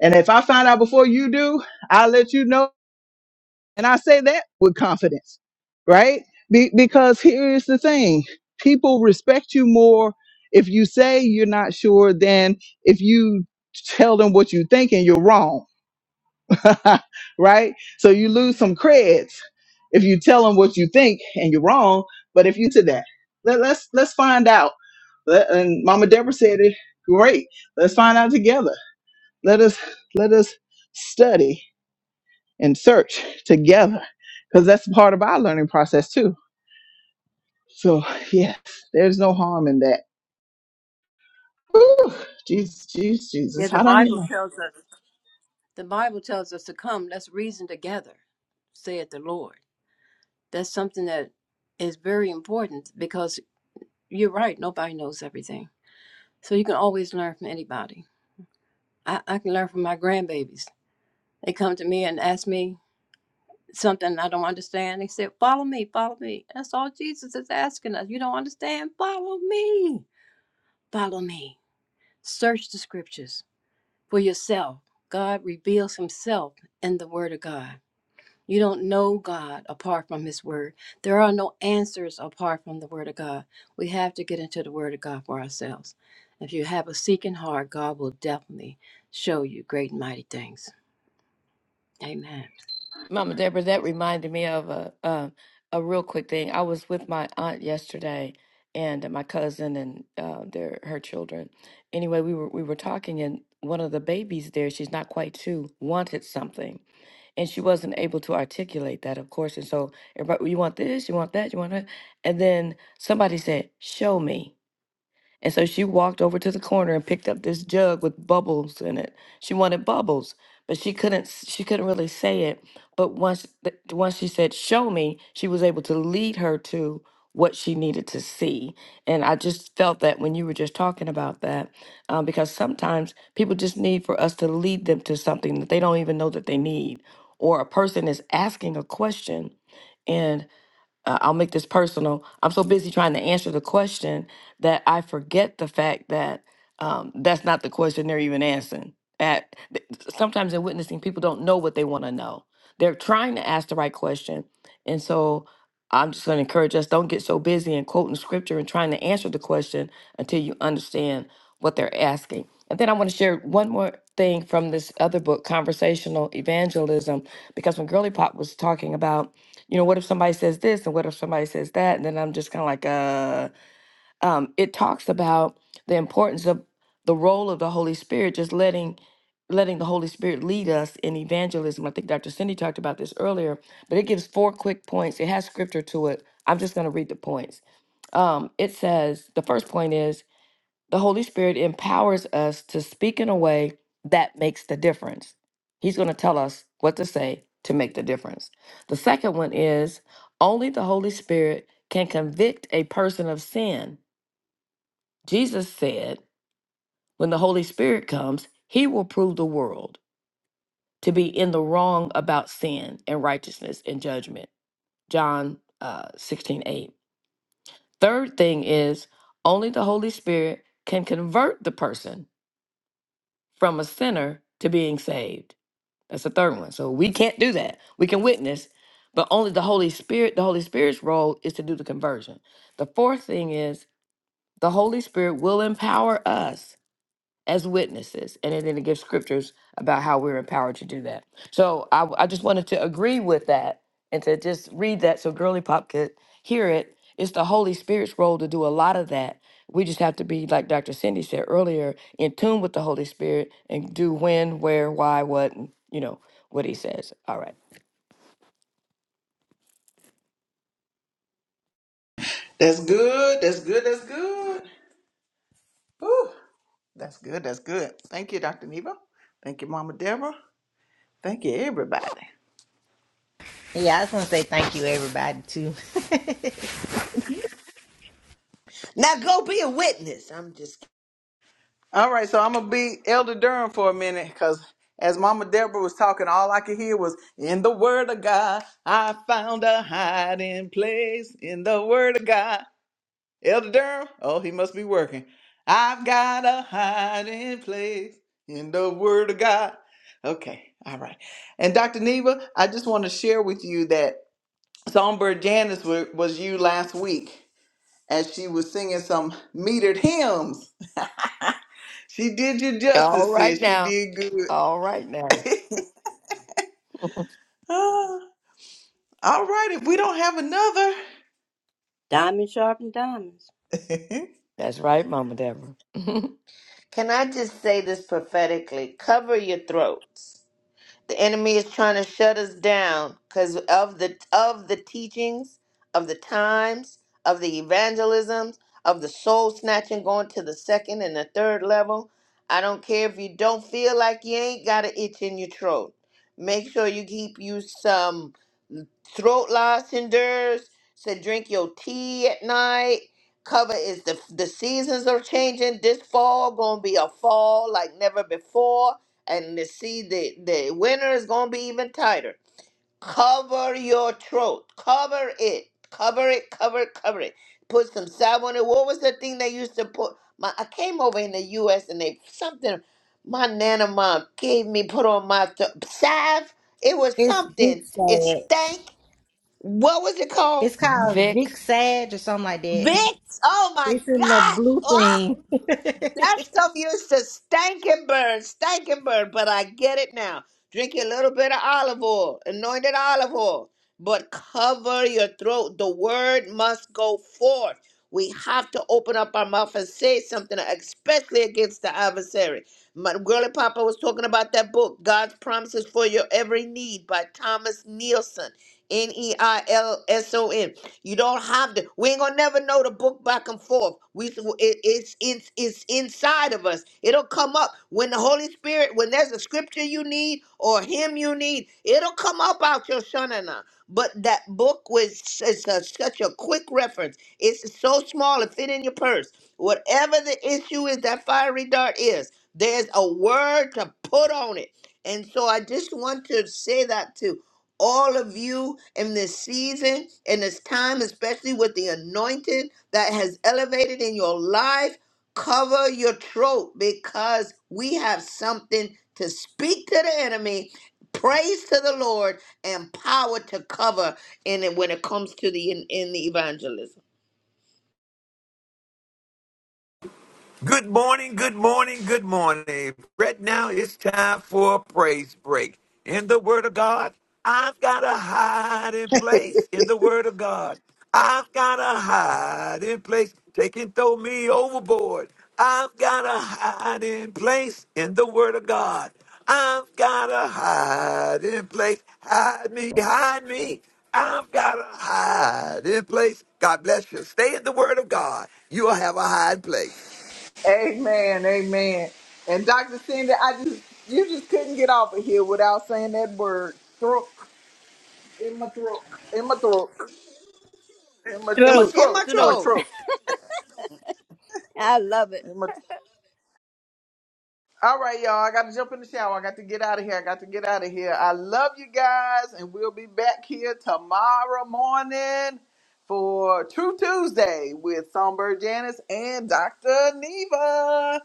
Speaker 1: And if I find out before you do, I'll let you know. And I say that with confidence, right? Be- because here's the thing: people respect you more if you say you're not sure than if you tell them what you think and you're wrong right? So you lose some creds if you tell them what you think and you're wrong. But if you to that, let, let's let's find out. Let- and Mama Deborah said it great. Let's find out together. Let us let us study and search together because that's part of our learning process too. So yes, there's no harm in that. Whew, Jesus, Jesus,
Speaker 3: Yeah,
Speaker 1: Jesus,
Speaker 3: the
Speaker 1: how do I hear
Speaker 3: Bible
Speaker 1: that?
Speaker 3: tells us. The Bible tells us to come. Let's reason together, saith the Lord. That's something that is very important because you're right. Nobody knows everything, so you can always learn from anybody. I, I can learn from my grandbabies. They come to me and ask me something I don't understand. They say, "Follow me, follow me." That's all Jesus is asking us. You don't understand? Follow me. Follow me. Search the scriptures for yourself. God reveals Himself in the Word of God You don't know God apart from His Word. There are no answers apart from the Word of God. We have to get into the Word of God for ourselves. If you have a seeking heart, God will definitely show you great and mighty things. Amen.
Speaker 9: Mama Deborah. That reminded me of a a, a real quick thing. I was with my aunt yesterday and my cousin and uh, their her children. Anyway, we were we were talking and one of the babies there. She's not quite two. Wanted something. and she wasn't able to articulate that, of course. And so everybody, you want this, you want that, you want that, and then somebody said, "Show me." And so she walked over to the corner and picked up this jug with bubbles in it. She wanted bubbles, but she couldn't s- she couldn't really say it. But once th- once she said show me, she was able to lead her to what she needed to see. And I just felt that when you were just talking about that, um, because sometimes people just need for us to lead them to something that they don't even know that they need, or a person is asking a question uh, I'll make this personal. I'm so busy trying to answer the question that I forget the fact that um, that's not the question they're even answering. At th- sometimes in witnessing, people don't know what they want to know. They're trying to ask the right question, and so I'm just going to encourage us: don't get so busy in quoting scripture and trying to answer the question until you understand what they're asking. And then I want to share one more thing from this other book, Conversational Evangelism, because when Girly Pop was talking about you know, what if somebody says this and what if somebody says that? And then I'm just kind of like, uh, um, it talks about the importance of the role of the Holy Spirit, just letting letting the Holy Spirit lead us in evangelism. I think Dr. Cindy talked about this earlier, but it gives four quick points. It has scripture to it. I'm just going to read the points. Um, it says the first point is the Holy Spirit empowers us to speak in a way that makes the difference. He's going to tell us what to say to make the difference. The second one is only the Holy Spirit can convict a person of sin. Jesus said, when the Holy Spirit comes, he will prove the world to be in the wrong about sin and righteousness and judgment. John uh, 16, eight. Third thing is only the Holy Spirit can convert the person from a sinner to being saved. That's the third one. So we can't do that. We can witness, but only the Holy Spirit, the Holy Spirit's role is to do the conversion. The fourth thing is the Holy Spirit will empower us as witnesses. And then it gives scriptures about how we're empowered to do that. So I I just wanted to agree with that and to just read that so Girly Pop could hear it. It's the Holy Spirit's role to do a lot of that. We just have to be, like Dr. Cindy said earlier, in tune with the Holy Spirit and do when, where, why, what, and you know, what he says. All right.
Speaker 1: That's good. That's good. That's good. Whew, that's good. That's good. Thank you, Dr. Neva. Thank you, Mama Deborah. Thank you, everybody.
Speaker 8: Yeah, I just want to say thank you, everybody, too.
Speaker 5: Now go be a witness. I'm just,
Speaker 1: All right, so I'm gonna be Elder Durham for a minute because as Mama Deborah was talking, all I could hear was in the Word of God. I found a hiding place in the Word of God. Elder Durham, oh, he must be working. I've got a hiding place in the Word of God. Okay, all right. And Dr. Neva, I just want to share with you that. Songbird Janice wa- was you last week as she was singing some metered hymns. She did you
Speaker 9: All
Speaker 1: justice, sis.
Speaker 9: right
Speaker 1: She
Speaker 9: now.
Speaker 1: did good.
Speaker 9: All right now.
Speaker 1: Ah, All right, if we don't have another.
Speaker 3: Diamond sharpened diamonds.
Speaker 9: That's right, Mama Deborah.
Speaker 5: can I just say this prophetically? Cover your throats The enemy is trying to shut us down because of the of the teachings, of the times, of the evangelisms, of the soul snatching going to the second and the third level. I don't care if you don't feel like you ain't got an itch in your throat. Make sure you keep you some throat lozenges to drink your tea at night. Cover is the the seasons are changing. This fall gonna be a fall like never before, and to see the the winter is gonna be even tighter. Cover your throat. Cover it. Cover it. Cover it. Cover it. Put some salve on it. What was the thing they used to put? My I came over in the U.S. and they something. My nana mom gave me put on my th- salve. It was
Speaker 8: it's Vic
Speaker 5: something. It
Speaker 8: Sage.
Speaker 5: stank what was it called?
Speaker 8: It's called
Speaker 9: Vic.
Speaker 8: Vic Sage or something like that.
Speaker 5: Vicks. Oh my
Speaker 8: It's in the
Speaker 5: gosh.
Speaker 8: blue
Speaker 5: Ah,
Speaker 8: thing.
Speaker 5: that stuff used to stank and burn, stank and burn. But I get it now. Drink a little bit of olive oil, anointed olive oil, but cover your throat. The word must go forth. We have to open up our mouth and say something, especially against the adversary. My girly papa was talking about that book, God's Promises for Your Every Need by Thomas Nielsen, N E I L S O N. You don't have to. We ain't gonna never know the book back and forth. We it, it's it's it's inside of us. It'll come up when the Holy Spirit, when there's a scripture you need or hymn you need, it'll come up out your shanana. But that book was it's a, such a quick reference. It's so small it fit in your purse. Whatever the issue is, that fiery dart is. There's a word to put on it. And so I just want to say that too all of you in this season, in this time, especially with the anointing that has elevated in your life. Cover your throat because we have something to speak to the enemy. Praise to the Lord and power to cover in it when it comes to the in, in the evangelism.
Speaker 6: Good morning, good morning, good morning. Right now it's time for a praise break. In the Word of God, I've got a hiding place. In the Word of God, I've got a hiding place. Take and throw me overboard. I've got a hiding place. In the Word of God, I've got a hiding place. Hide me, hide me. I've got a hiding place. God bless you. Stay in the Word of God. You'll have a hiding place.
Speaker 1: Amen, amen. And Dr. Cindy, I just you just couldn't get off of here without saying that word. Throat in my throat. In my throat. In my in my
Speaker 5: It's
Speaker 3: Truth,
Speaker 5: in
Speaker 1: throat.
Speaker 5: my
Speaker 1: In my
Speaker 3: truth.
Speaker 5: throat.
Speaker 1: throat.
Speaker 3: I love it.
Speaker 1: In my throat. All right, y'all. I got to jump in the shower. I got to get out of here. I got to get out of here. I love you guys, and we'll be back here tomorrow morning for True Tuesday with Songbird Janice and Dr. Neva.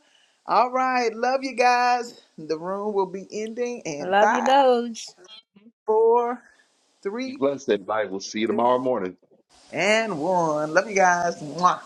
Speaker 1: All right. Love you guys. The room will be ending
Speaker 3: I
Speaker 1: in
Speaker 3: love you,
Speaker 1: five,
Speaker 3: those.
Speaker 1: four,
Speaker 7: Be
Speaker 1: three,
Speaker 7: blessed, everybody. We'll see you tomorrow morning.
Speaker 1: and one. Love you guys. Mwah.